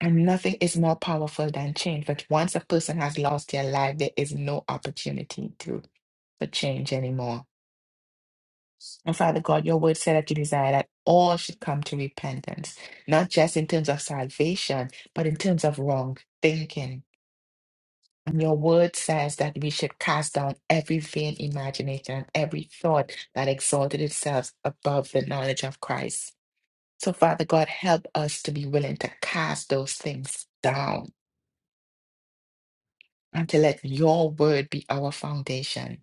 [SPEAKER 1] And nothing is more powerful than change. But once a person has lost their life, there is no opportunity to for change anymore. And Father God, your word said that you desire that all should come to repentance, not just in terms of salvation, but in terms of wrong thinking And your word says that we should cast down every vain imagination and every thought that exalted itself above the knowledge of Christ. So, Father God, help us to be willing to cast those things down and to let your word be our foundation.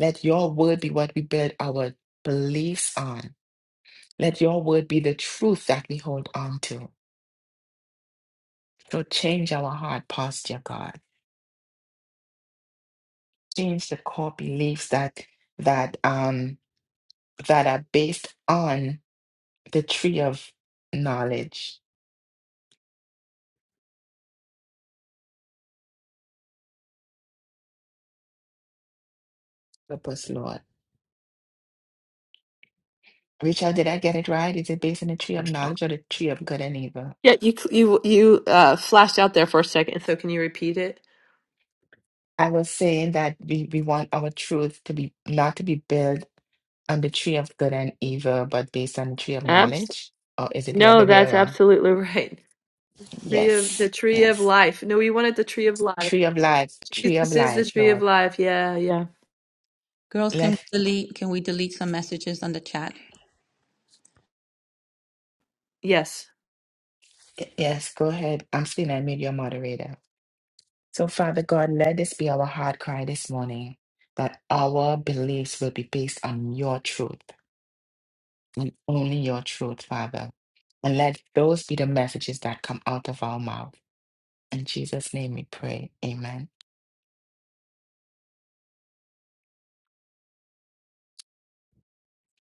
[SPEAKER 1] Let your word be what we build our beliefs on. Let your word be the truth that we hold on to. So change our heart posture, God. Change the core beliefs that that um that are based on the tree of knowledge. Help us, Lord. Richard, did I get it right? Is it based on the tree of knowledge or the tree of good and evil?
[SPEAKER 3] Yeah, you flashed out there for a second. So Repeat it.
[SPEAKER 1] I was saying that we, we want our truth to be not to be built on the tree of good and evil, but based on the tree of
[SPEAKER 3] Abs-
[SPEAKER 1] knowledge. Or is it the
[SPEAKER 3] no,
[SPEAKER 1] other way
[SPEAKER 3] that's
[SPEAKER 1] around?
[SPEAKER 3] absolutely *laughs* right. Tree of
[SPEAKER 1] Yes,
[SPEAKER 3] the tree of
[SPEAKER 1] yes.
[SPEAKER 3] life. No, we wanted the tree of life.
[SPEAKER 1] Tree of life, tree of
[SPEAKER 3] Jesus is the
[SPEAKER 1] life,
[SPEAKER 3] tree of
[SPEAKER 1] Lord.
[SPEAKER 3] life. Yeah, yeah.
[SPEAKER 5] Girls, can we
[SPEAKER 1] Let
[SPEAKER 5] delete can we delete some messages on the chat?
[SPEAKER 3] Yes.
[SPEAKER 1] yes, go ahead. I'm still I made your moderator. So, Father God, let this be our heart cry this morning that our beliefs will be based on your truth and only your truth, Father. And let those be the messages that come out of our mouth. In Jesus' name we pray. Amen.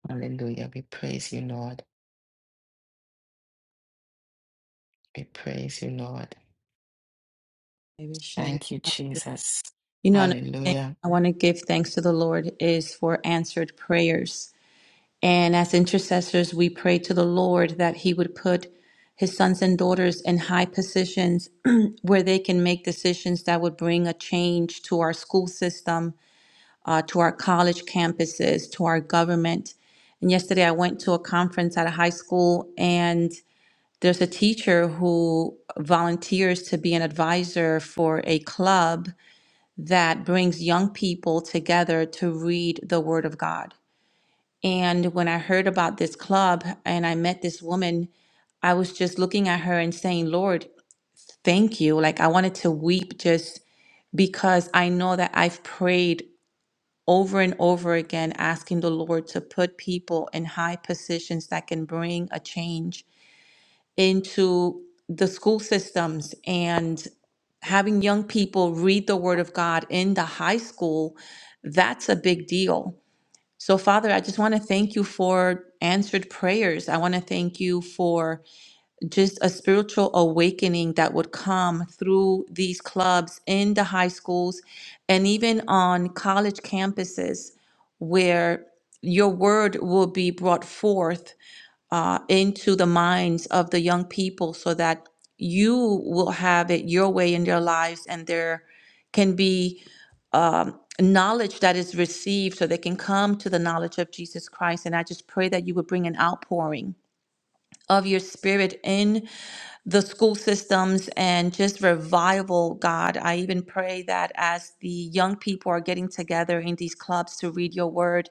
[SPEAKER 1] Hallelujah. We praise you, Lord. We praise you, Lord.
[SPEAKER 5] Maybe Sheila.
[SPEAKER 1] Thank you, Jesus.
[SPEAKER 5] You know, another thing
[SPEAKER 1] Hallelujah.
[SPEAKER 5] I want to give thanks to the Lord is for answered prayers. And as intercessors, we pray to the Lord that He would put His sons and daughters in high positions *clears throat* where they can make decisions that would bring a change to our school system, uh, to our college campuses, to our government. And yesterday, I went to a conference at a high school, and There's a teacher who volunteers to be an advisor for a club that brings young people together to read the Word of God. And when I heard about this club and I met this woman, I was just looking at her and saying, Lord, thank you. Like I wanted to weep just because I know that I've prayed over and over again, asking the Lord to put people in high positions that can bring a change into the school systems and having young people read the Word of God in the high school, that's a big deal. So, Father, I just want to thank you for answered prayers. I want to thank you for just a spiritual awakening that would come through these clubs in the high schools and even on college campuses where your word will be brought forth uh, into the minds of the young people so that you will have it your way in their lives and there can be um, knowledge that is received so they can come to the knowledge of Jesus Christ. And I just pray that you would bring an outpouring of your spirit in the school systems and just revival, God. I even pray that as the young people are getting together in these clubs to read your word,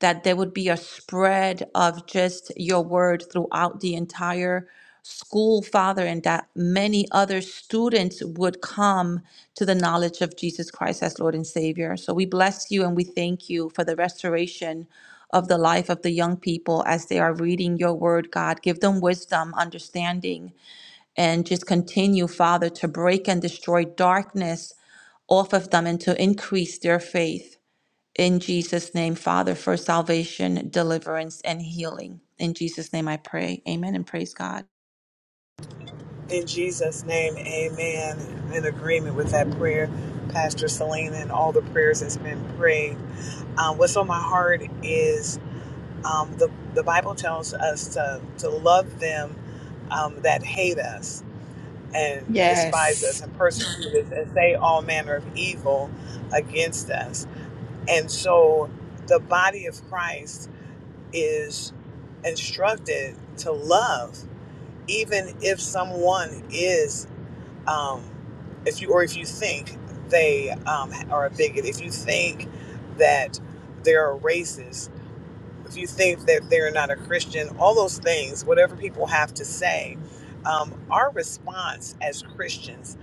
[SPEAKER 5] that there would be a spread of just your word throughout the entire school, Father, and that many other students would come to the knowledge of Jesus Christ as Lord and Savior. So we bless you and we thank you for the restoration of the life of the young people as they are reading your word, God. Give them wisdom, understanding, and just continue, Father, to break and destroy darkness off of them and to increase their faith. In Jesus' name, Father, for salvation, deliverance, and healing. In Jesus' name I pray. Amen and praise God.
[SPEAKER 4] In Jesus' name, amen. In agreement with that prayer, Pastor Selena, and all the prayers that's been prayed. Um, what's on my heart is um, the, the Bible tells us to, to love them um, that hate us and despise
[SPEAKER 1] Yes.
[SPEAKER 4] us and persecute us and say all manner of evil against us. And so the body of Christ is instructed to love, even if someone is um, if you or if you think they um, are a bigot, if you think that they're a racist, if you think that they're not a Christian, all those things, whatever people have to say, um, our response as Christians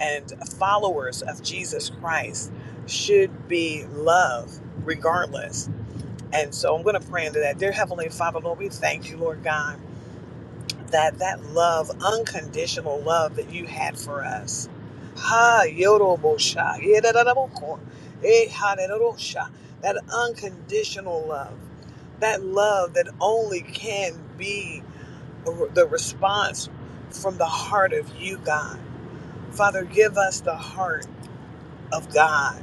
[SPEAKER 4] and followers of Jesus Christ should be love regardless. And so I'm going to pray into that. Dear Heavenly Father, Lord, we thank you, Lord God that that love, unconditional love that you had for us. Ha yorobosha. yedadadaboko, eh, hadadadosha. That unconditional love. That love that only can be a- the response from the heart of you, God. Father, give us the heart of God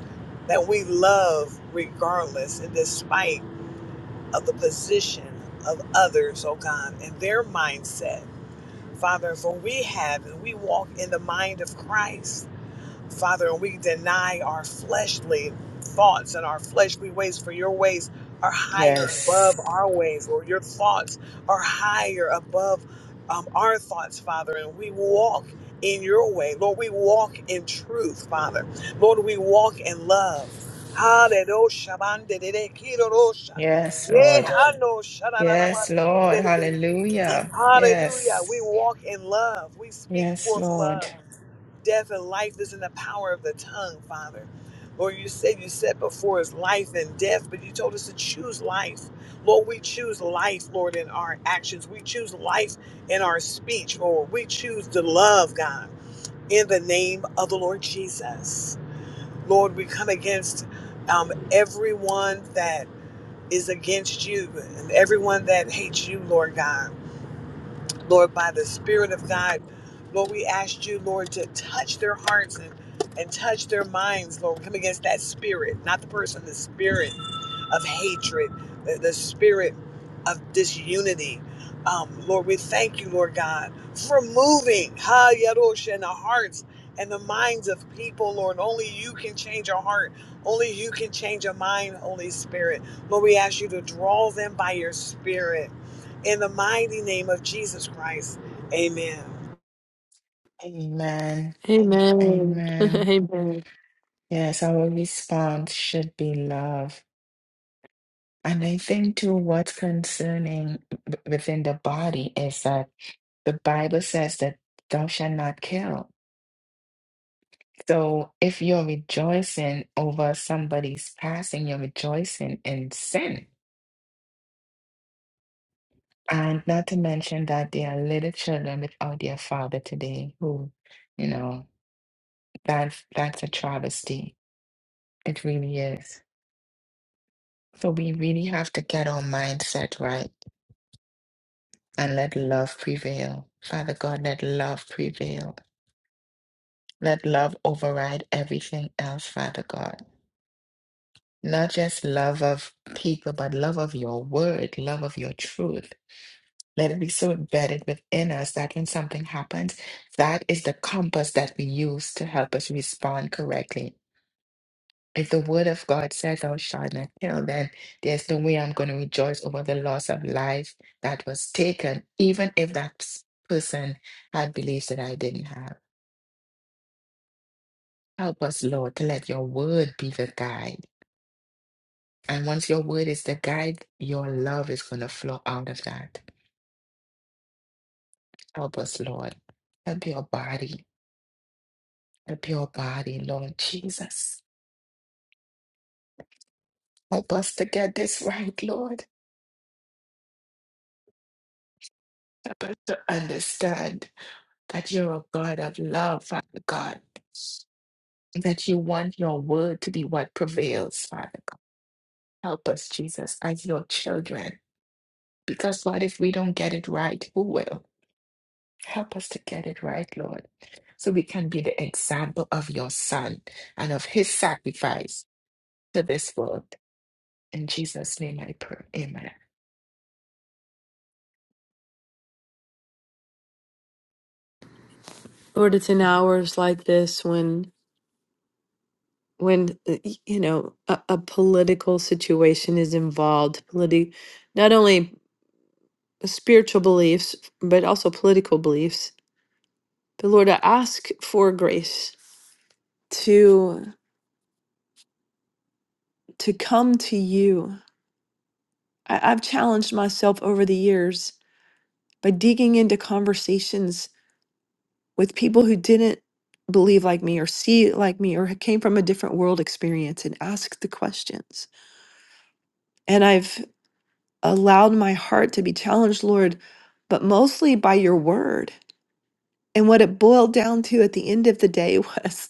[SPEAKER 4] that we love regardless and despite of the position of others, oh God, and their mindset Father, for we have and we walk in the mind of Christ. Father, and we deny our fleshly thoughts and our fleshly ways, for your ways are higher
[SPEAKER 1] Yes.
[SPEAKER 4] above our ways, Lord. Your thoughts are higher above um, our thoughts, Father, and we walk in your way. Lord, we walk in truth, Father. Lord, we walk in love. Hallelujah. Bandedede, kirorosha.
[SPEAKER 1] Yes,
[SPEAKER 4] Yeah,
[SPEAKER 1] Lord. Yes, Lord. Hallelujah.
[SPEAKER 4] Hallelujah.
[SPEAKER 1] Yes.
[SPEAKER 4] We walk in love. We speak
[SPEAKER 1] Yes,
[SPEAKER 4] forth
[SPEAKER 1] Lord.
[SPEAKER 4] love. Death and life is in the power of the tongue, Father. Lord, you said you set before us life and death, but you told us to choose life. Lord, we choose life, Lord, in our actions. We choose life in our speech, Lord. We choose to love, God, in the name of the Lord Jesus. Lord, we come against um, everyone that is against you and everyone that hates you, Lord God. Lord, by the Spirit of God, Lord, we ask you, Lord, to touch their hearts and, and touch their minds, Lord. We Come against that spirit, not the person, the spirit of hatred, the, the spirit of disunity. Um, Lord, we thank you, Lord God, for moving Ha Yarosh in the hearts and the minds of people, Lord. Only you can change a heart. Only you can change a mind, Holy Spirit. Lord, we ask you to draw them by your spirit. In the mighty name of Jesus Christ. Amen.
[SPEAKER 1] Amen.
[SPEAKER 3] Amen. *laughs*
[SPEAKER 1] Amen.
[SPEAKER 3] Amen.
[SPEAKER 1] Yes, our response should be love. And I think, too, what's concerning w- within the body is that the Bible says that thou shalt not kill. So if you're rejoicing over somebody's passing, you're rejoicing in sin. And not to mention that there are little children without their father today who, you know, that's that's a travesty. It really is. So we really have to get our mindset right and let love prevail. Father God, let love prevail. Let love override everything else, Father God. Not just love of people, but love of your word, love of your truth. Let it be so embedded within us that when something happens, that is the compass that we use to help us respond correctly If the word of God says I shall not kill, then there's no way I'm going to rejoice over the loss of life that was taken, even if that s- person had beliefs that I didn't have. Help us, Lord, to let your word be the guide. And once your word is the guide, your love is going to flow out of that. Help us, Lord. Help your body. Help your body, Lord Jesus. Help us to get this right, Lord. Help us to understand that you're a God of love, Father God. that you want your word to be what prevails, Father God. Help us, Jesus, as your children. Because, Lord, if we don't get it right, who will? Help us to get it right, Lord, so we can be the example of your Son and of his sacrifice to this world. In Jesus' name I pray. Amen.
[SPEAKER 3] Lord, it's in hours like this when when uh, y- you know a, a political situation is involved, politi- not only spiritual beliefs but also political beliefs But Lord, I ask for grace to to come to you. I, I've challenged myself over the years by digging into conversations with people who didn't believe like me or see it like me or came from a different world experience and asked the questions. And I've allowed my heart to be challenged, Lord, but mostly by your word. And what it boiled down to at the end of the day was *laughs*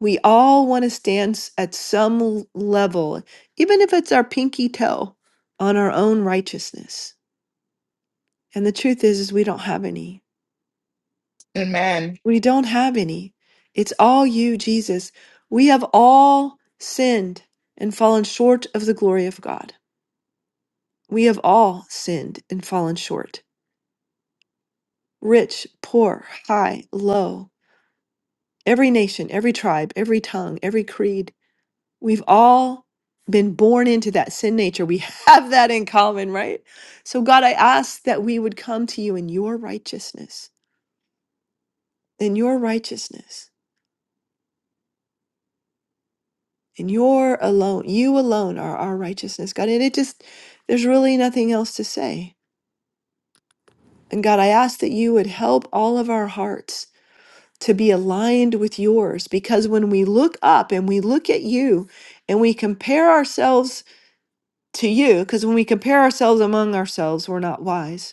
[SPEAKER 3] We all want to stand s- at some l- level, even if it's our pinky toe, on our own righteousness. And the truth is, is we don't have any.
[SPEAKER 1] Amen.
[SPEAKER 3] We don't have any. It's all you, Jesus. We have all sinned and fallen short of the glory of God. We have all sinned and fallen short. Rich, poor, high, low, every nation, every tribe, every tongue, every creed, We've all been born into that sin nature. We *laughs* have that in common, right? So, God, I ask that we would come to you in your righteousness, in your righteousness, in your alone. You alone are our righteousness, God. And it just, there's really nothing else to say. And God, I ask that you would help all of our hearts to be aligned with yours because when we look up and we look at you and we compare ourselves to you, because when we compare ourselves among ourselves, we're not wise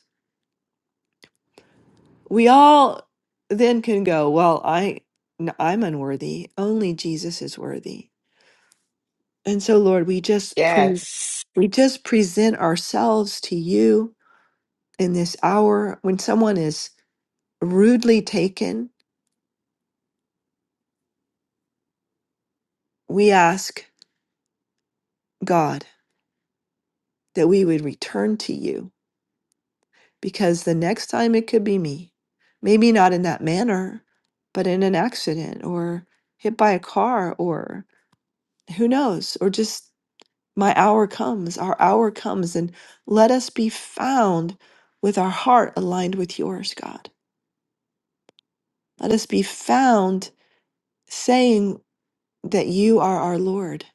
[SPEAKER 3] We all then can go, well, I n- I'm unworthy. Only Jesus is worthy. And so Lord, we just pre-
[SPEAKER 1] Yes,
[SPEAKER 3] we just present ourselves to you in this hour when someone is rudely taken. We ask God that we would return to you because the next time it could be me. Maybe not in that manner, but in an accident or hit by a car or who knows, or just My hour comes, our hour comes, and let us be found with our heart aligned with yours, God. Let us be found saying that you are our Lord.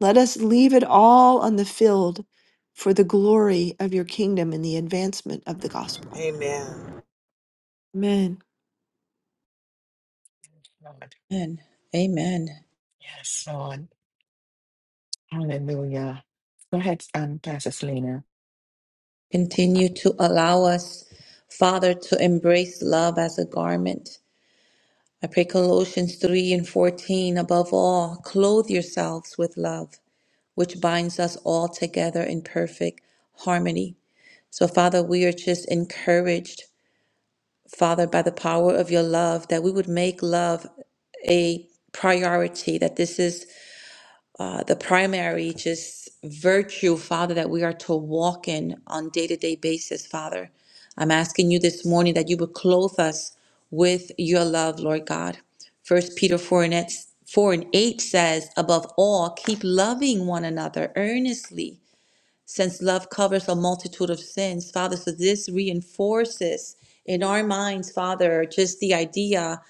[SPEAKER 3] Let us leave it all on the field for the glory of your kingdom and the advancement of the gospel.
[SPEAKER 4] Amen.
[SPEAKER 3] Amen.
[SPEAKER 1] Lord.
[SPEAKER 5] Amen. Amen.
[SPEAKER 1] Yes, Lord. Hallelujah. Go ahead, um, Pastor Selena.
[SPEAKER 5] Continue to allow us, Father, to embrace love as a garment. I pray Colossians 3 and 14, above all, clothe yourselves with love, which binds us all together in perfect harmony. So, Father, we are just encouraged Father, by the power of your love, that we would make love a priority, that this is uh, the primary just virtue, Father, that we are to walk in on day to day basis, Father. I'm asking you this morning that you would clothe us with your love, Lord God. First Peter 4 and, 8, 4 and 8 says, above all, keep loving one another earnestly since love covers a multitude of sins, Father, so this reinforces in our minds, Father, just the idea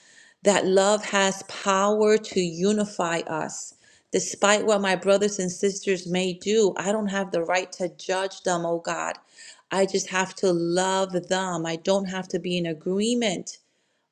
[SPEAKER 5] that love has power to unify us. Despite what my brothers and sisters may do, I don't have the right to judge them, oh God. I just have to love them. I don't have to be in agreement,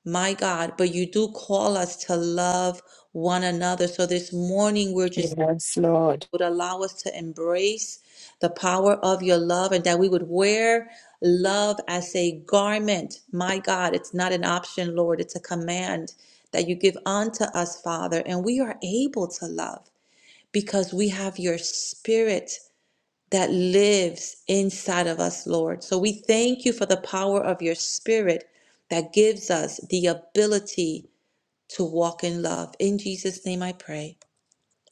[SPEAKER 5] my God. But you do call us to love one another. So this morning, we're just
[SPEAKER 1] Yes, Lord.
[SPEAKER 5] would allow us to embrace the power of your love and that we would wear love as a garment. My God, it's not an option, Lord, it's a command that you give unto us, Father. And we are able to love because we have your spirit that lives inside of us, Lord. So we thank you for the power of your spirit that gives us the ability to walk in love. In Jesus' name I pray.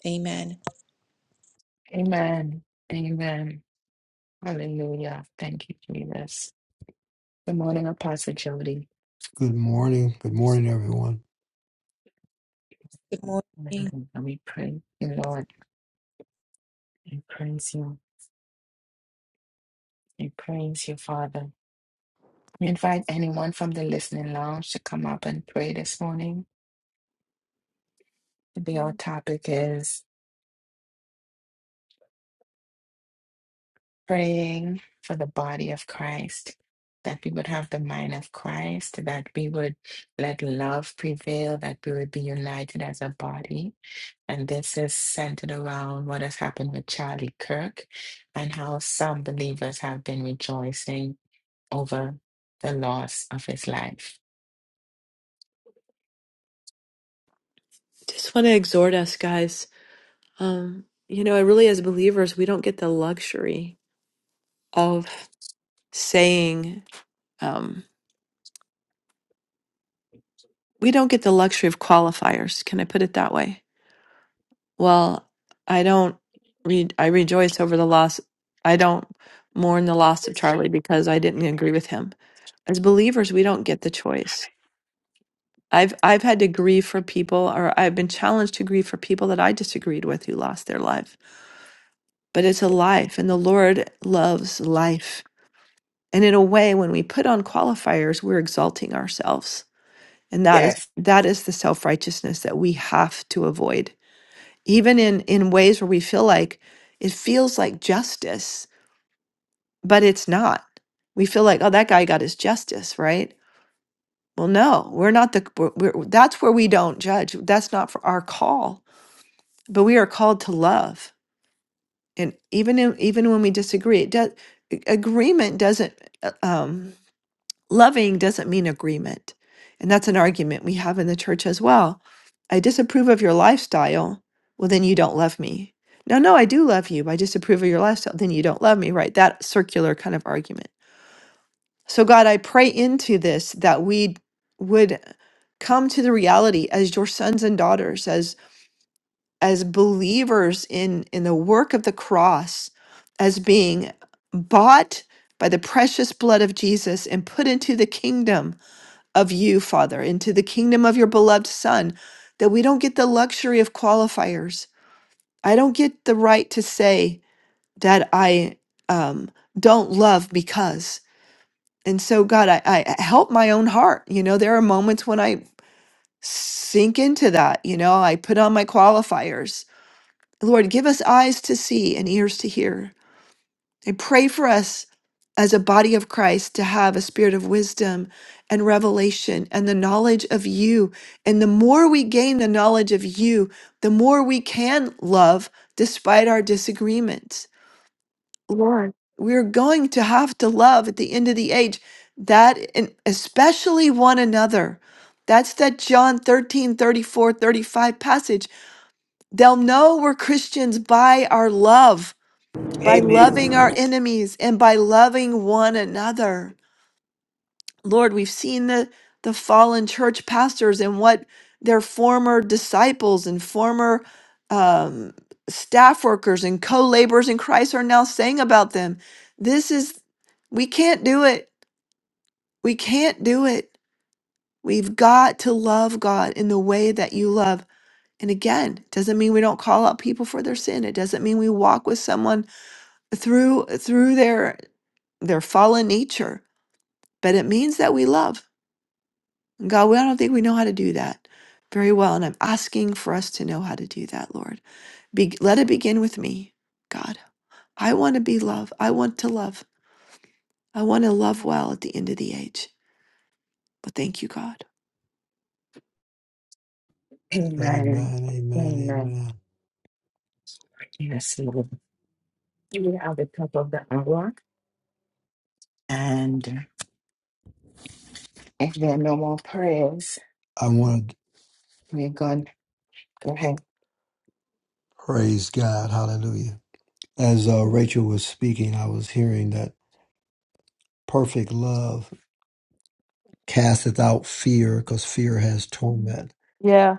[SPEAKER 5] Amen.
[SPEAKER 1] Amen. Amen. Hallelujah. Thank you, Jesus. Good morning, Apostle Jody.
[SPEAKER 6] Good morning. Good morning, everyone.
[SPEAKER 5] Good morning.
[SPEAKER 1] Hallelujah. We praise you, Lord. We praise you. We praise you, Father. We invite anyone from the listening lounge to come up and pray this morning. Today, our topic is praying for the body of Christ, that we would have the mind of Christ, that we would let love prevail, that we would be united as a body. And this is centered around what has happened with Charlie Kirk and how some believers have been rejoicing over the loss of his life.
[SPEAKER 3] Just want to exhort us, guys. Um, you know, really, as believers, we don't get the luxury of saying, um, we don't get the luxury of qualifiers. Can I put it that way? Well, I don't read. I rejoice over the loss. I don't mourn the loss of Charlie because I didn't agree with him. As believers, we don't get the choice. I've I've had to grieve for people, or I've been challenged to grieve for people that I disagreed with who lost their life. But it's a life, and the Lord loves life. And in a way, when we put on qualifiers, we're exalting ourselves, and that is
[SPEAKER 1] Yes.
[SPEAKER 3] that is the self righteousness that we have to avoid even in in ways where we feel like it feels like justice but it's not we feel like oh that guy got his justice right well no we're not the we're, we're- that's where we don't judge that's not for our call but we are called to love and even in, even when we disagree it does agreement doesn't uh, um, Loving doesn't mean agreement. And that's an argument we have in the church as well. I disapprove of your lifestyle. Well, then you don't love me. No, no, I do love you. but I disapprove of your lifestyle. Then you don't love me, right? That circular kind of argument. So, God, I pray into this that we would come to the reality as your sons and daughters, as as believers in in the work of the cross, as being bought by the precious blood of Jesus and put into the kingdom of you, Father, into the kingdom of your beloved Son, that we don't get the luxury of qualifiers. I don't get the right to say that I um, don't love because. And so, God, I, I help my own heart. You know, there are moments when I sink into that. You know, I put on my qualifiers. Lord, give us eyes to see and ears to hear I pray for us as a body of Christ to have a spirit of wisdom and revelation and the knowledge of you. And the more we gain the knowledge of you, the more we can love despite our disagreements. Lord, we're going to have to love at the end of the age that and especially one another. That's that John 13 34 35 passage. They'll know we're Christians by our love by loving
[SPEAKER 4] Amen.
[SPEAKER 3] our enemies and by loving one another. Lord, we've seen the, the fallen church pastors and what their former disciples and former um, staff workers and co laborers in Christ are now saying about them. This is, we can't do it. We can't do it. We've got to love God in the way that you love. And again, it doesn't mean we don't call out people for their sin. It doesn't mean we walk with someone through through their their fallen nature but it means that we love and god we I don't think we know how to do that very well and i'm asking for us to know how to do that lord Be, let it begin with me god i want to be love i want to love i want to love well at the end of the age but thank you god
[SPEAKER 1] Amen.
[SPEAKER 6] Amen. Amen.
[SPEAKER 1] Amen.
[SPEAKER 6] Amen.
[SPEAKER 1] Yes, Lord. We are at the top of the hour. And if there are no more prayers,
[SPEAKER 6] I want to
[SPEAKER 1] we're going to go ahead.
[SPEAKER 6] praise God. Hallelujah. As uh, Rachel was speaking, I was hearing that perfect love casteth out fear because fear has torment,
[SPEAKER 3] Yeah.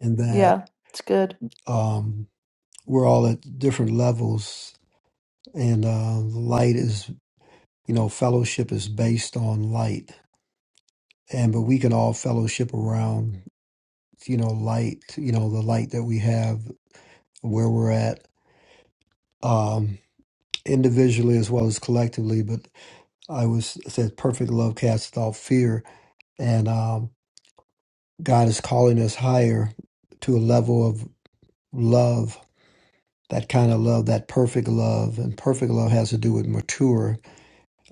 [SPEAKER 6] and that
[SPEAKER 3] Yeah, it's good.
[SPEAKER 6] um, we're all at different levels, and uh, light is, you know, fellowship is based on light. And but we can all fellowship around, you know, light, you know, the light that we have where we're at. Um, individually as well as collectively. But I was it says perfect love casts off fear, and um, God is calling us higher to a level of love. That kind of love, that perfect love, and perfect love has to do with mature,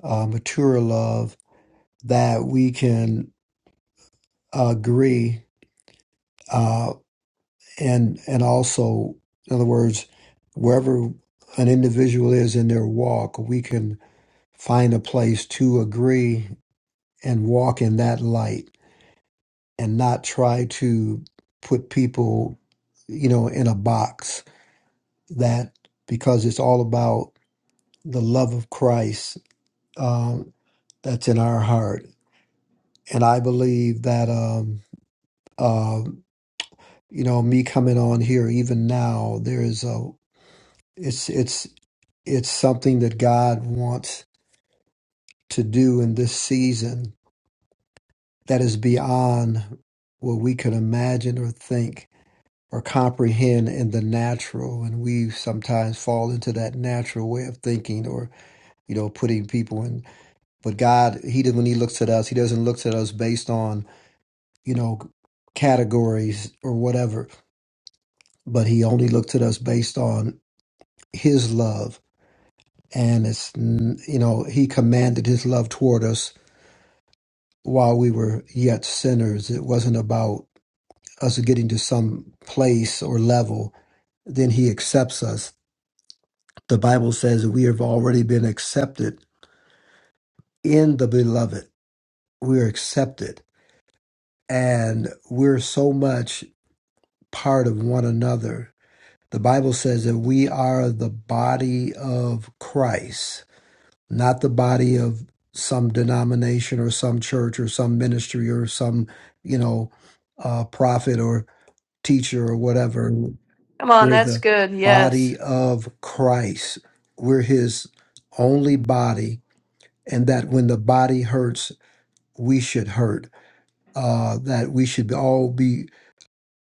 [SPEAKER 6] uh, mature love that we can agree, uh, and and also, in other words, wherever an individual is in their walk, we can find a place to agree and walk in that light and not try to put people, you know, in a box that because it's all about the love of Christ um, that's in our heart. And I believe that, um, uh, you know, me coming on here even now, there is a, it's, it's, it's something that God wants to do in this season that is beyond what we could imagine or think or comprehend in the natural and we sometimes fall into that natural way of thinking or you know putting people in but god he did when he looks at us he doesn't look at us based on you know categories or whatever but he only looked at us based on his love and it's mm, you know he commanded his love toward us while we were yet sinners it wasn't about us getting to some place or level then he accepts us The Bible says we have already been accepted in the beloved. We are accepted and we're so much part of one another. The Bible says that we are the body of Christ, not the body of some denomination or some church or some ministry or some, you know, uh, prophet or teacher or whatever.
[SPEAKER 3] Come on.
[SPEAKER 6] We're the
[SPEAKER 3] Yes.
[SPEAKER 6] body of Christ. We're his only body and that when the body hurts, we should hurt. Uh, that we should all be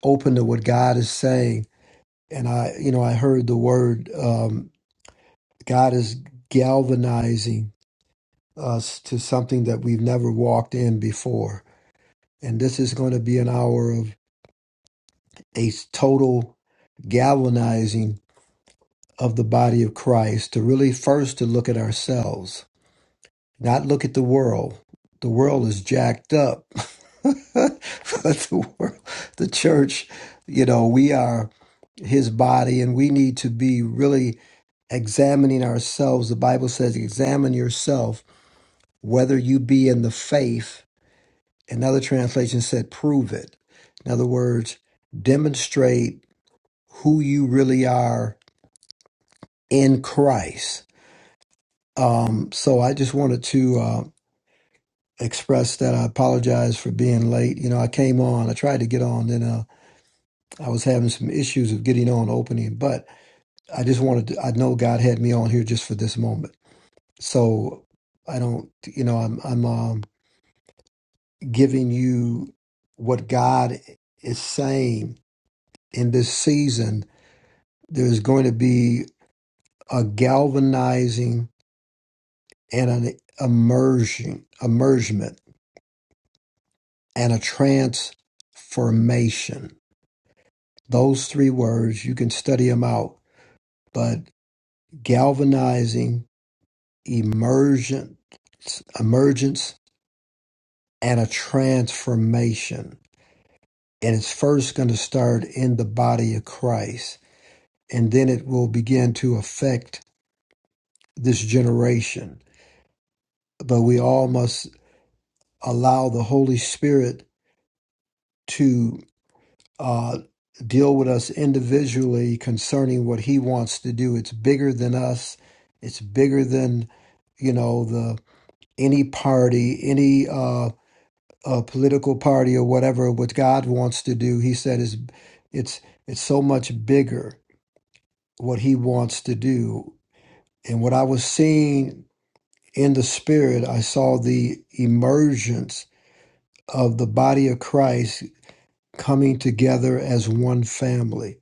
[SPEAKER 6] open to what God is saying. And I, you know, I heard the word um, God is galvanizing us to something that we've never walked in before. And this is going to be an hour of a total galvanizing of the body of Christ to really first to look at ourselves Not look at the world. The world is jacked up. *laughs* but the world, the church, you know, we are his body and we need to be really examining ourselves. The Bible says, examine yourself whether you be in the faith. Another translation said, prove it. In other words, demonstrate who you really are in Christ. Um, so I just wanted to. uh, express that I apologize for being late. You know, I came on, I tried to get on, then uh, I was having some issues of getting on opening, but I just wanted to, I know God had me on here just for this moment. So I don't, you know, I'm, I'm um, giving you what God is saying in this season. There's going to be a galvanizing and an immersion, immersion, and a transformation Those three words, you can study them out, but galvanizing, emergent, emergence, and a transformation. And it's first going to start in the body of Christ, and then it will begin to affect this generation. But we all must allow the Holy Spirit to uh, deal with us individually concerning what He wants to do. It's bigger than us. It's bigger than you know the any party, any uh, uh, political party or whatever, what God wants to do, he said is it's it's so much bigger what he wants to do. And what I was seeing in the spirit, I saw the emergence of the body of Christ coming together as one family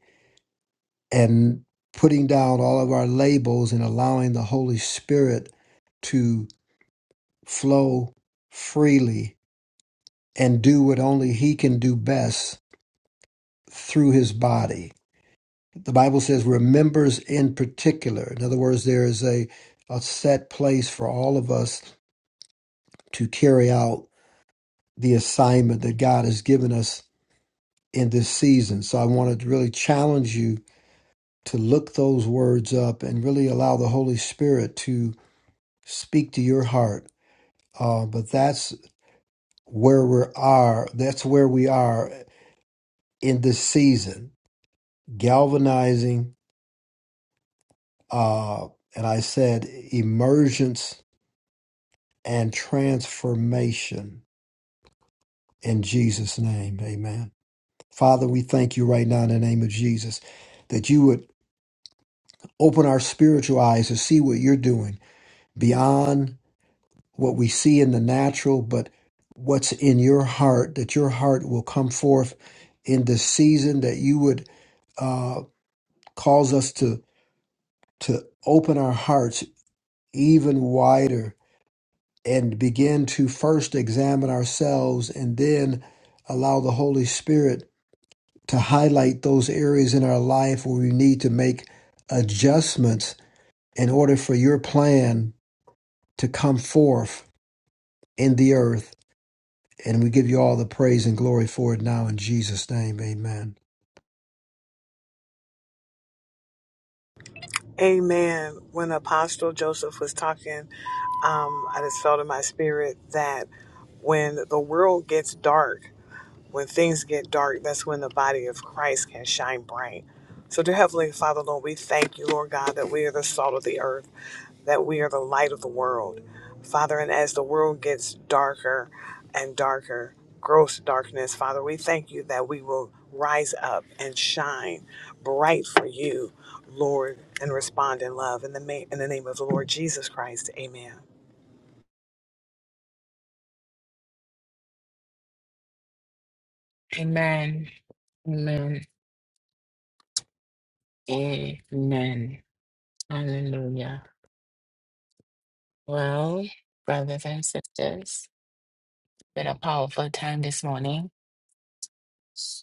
[SPEAKER 6] and putting down all of our labels and allowing the Holy Spirit to flow freely and do what only he can do best through his body. The Bible says remembers in particular. In other words, there is a, a set place for all of us to carry out the assignment that God has given us in this season. So I want to really challenge you to look those words up and really allow the Holy Spirit to speak to your heart. Uh, but that's where we are. That's where we are in this season, galvanizing. Uh, and I said emergence and transformation in Jesus' name. Amen. Father, we thank you right now in the name of Jesus that you would open our spiritual eyes to see what you're doing beyond what we see in the natural, but what's in your heart, that your heart will come forth in this season, that you would uh, cause us to, to open our hearts even wider and begin to first examine ourselves and then allow the Holy Spirit to highlight those areas in our life where we need to make adjustments in order for your plan to come forth in the earth. And we give you all the praise and glory for it now in Jesus' name. Amen.
[SPEAKER 4] Amen. When Apostle Joseph was talking, um, I just felt in my spirit that when the world gets dark, When things get dark, that's when the body of Christ can shine bright. So, dear Heavenly Father, Lord, we thank you, Lord God, that we are the salt of the earth, that we are the light of the world. Father, and as the world gets darker and darker, gross darkness, Father, we thank you that we will rise up and shine bright for you, Lord, and respond in love. In the, ma- in the name of the Lord Jesus Christ, amen.
[SPEAKER 1] Amen. Amen. Amen. Hallelujah. Well, brothers and sisters, been a powerful time this morning.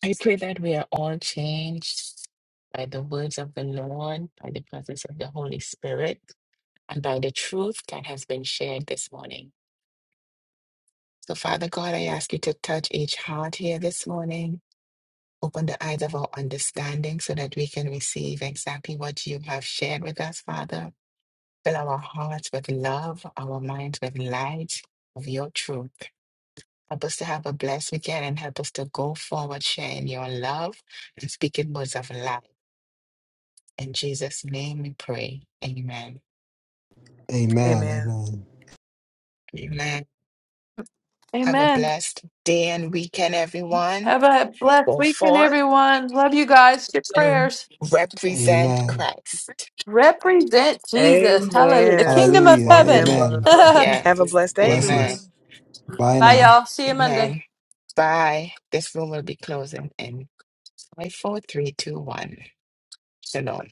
[SPEAKER 1] I pray that we are all changed by the words of the Lord, by the presence of the Holy Spirit, and by the truth that has been shared this morning. So, Father God, I ask you to touch each heart here this morning. Open the eyes of our understanding so that we can receive exactly what you have shared with us, Father. Fill our hearts with love, our minds with light of your truth. Help us to have a blessed weekend and help us to go forward sharing your love and speaking words of life. In Jesus' name we pray. Amen.
[SPEAKER 6] Amen.
[SPEAKER 4] Amen.
[SPEAKER 6] Amen.
[SPEAKER 1] Amen. Have a
[SPEAKER 3] Amen.
[SPEAKER 1] blessed day and weekend, everyone.
[SPEAKER 3] Have a blessed
[SPEAKER 1] Go
[SPEAKER 3] weekend,
[SPEAKER 1] forth
[SPEAKER 3] everyone. Love you guys. Your
[SPEAKER 1] and
[SPEAKER 3] prayers.
[SPEAKER 1] represent
[SPEAKER 6] Amen.
[SPEAKER 1] Christ.
[SPEAKER 3] Represent Jesus. Hallelujah. The
[SPEAKER 4] Amen.
[SPEAKER 3] kingdom of
[SPEAKER 6] Hallelujah.
[SPEAKER 4] Walk in
[SPEAKER 3] heaven.
[SPEAKER 4] love.
[SPEAKER 3] *laughs*
[SPEAKER 6] Amen.
[SPEAKER 3] Bye,
[SPEAKER 4] Have a
[SPEAKER 1] Yes.
[SPEAKER 4] blessed
[SPEAKER 6] *laughs*
[SPEAKER 4] day, everyone.
[SPEAKER 1] Amen.
[SPEAKER 6] Blessings. Bye now.
[SPEAKER 3] y'all. See you Monday.
[SPEAKER 1] Amen. Bye. This room will be closing in five, four, three, two, one. Shalom.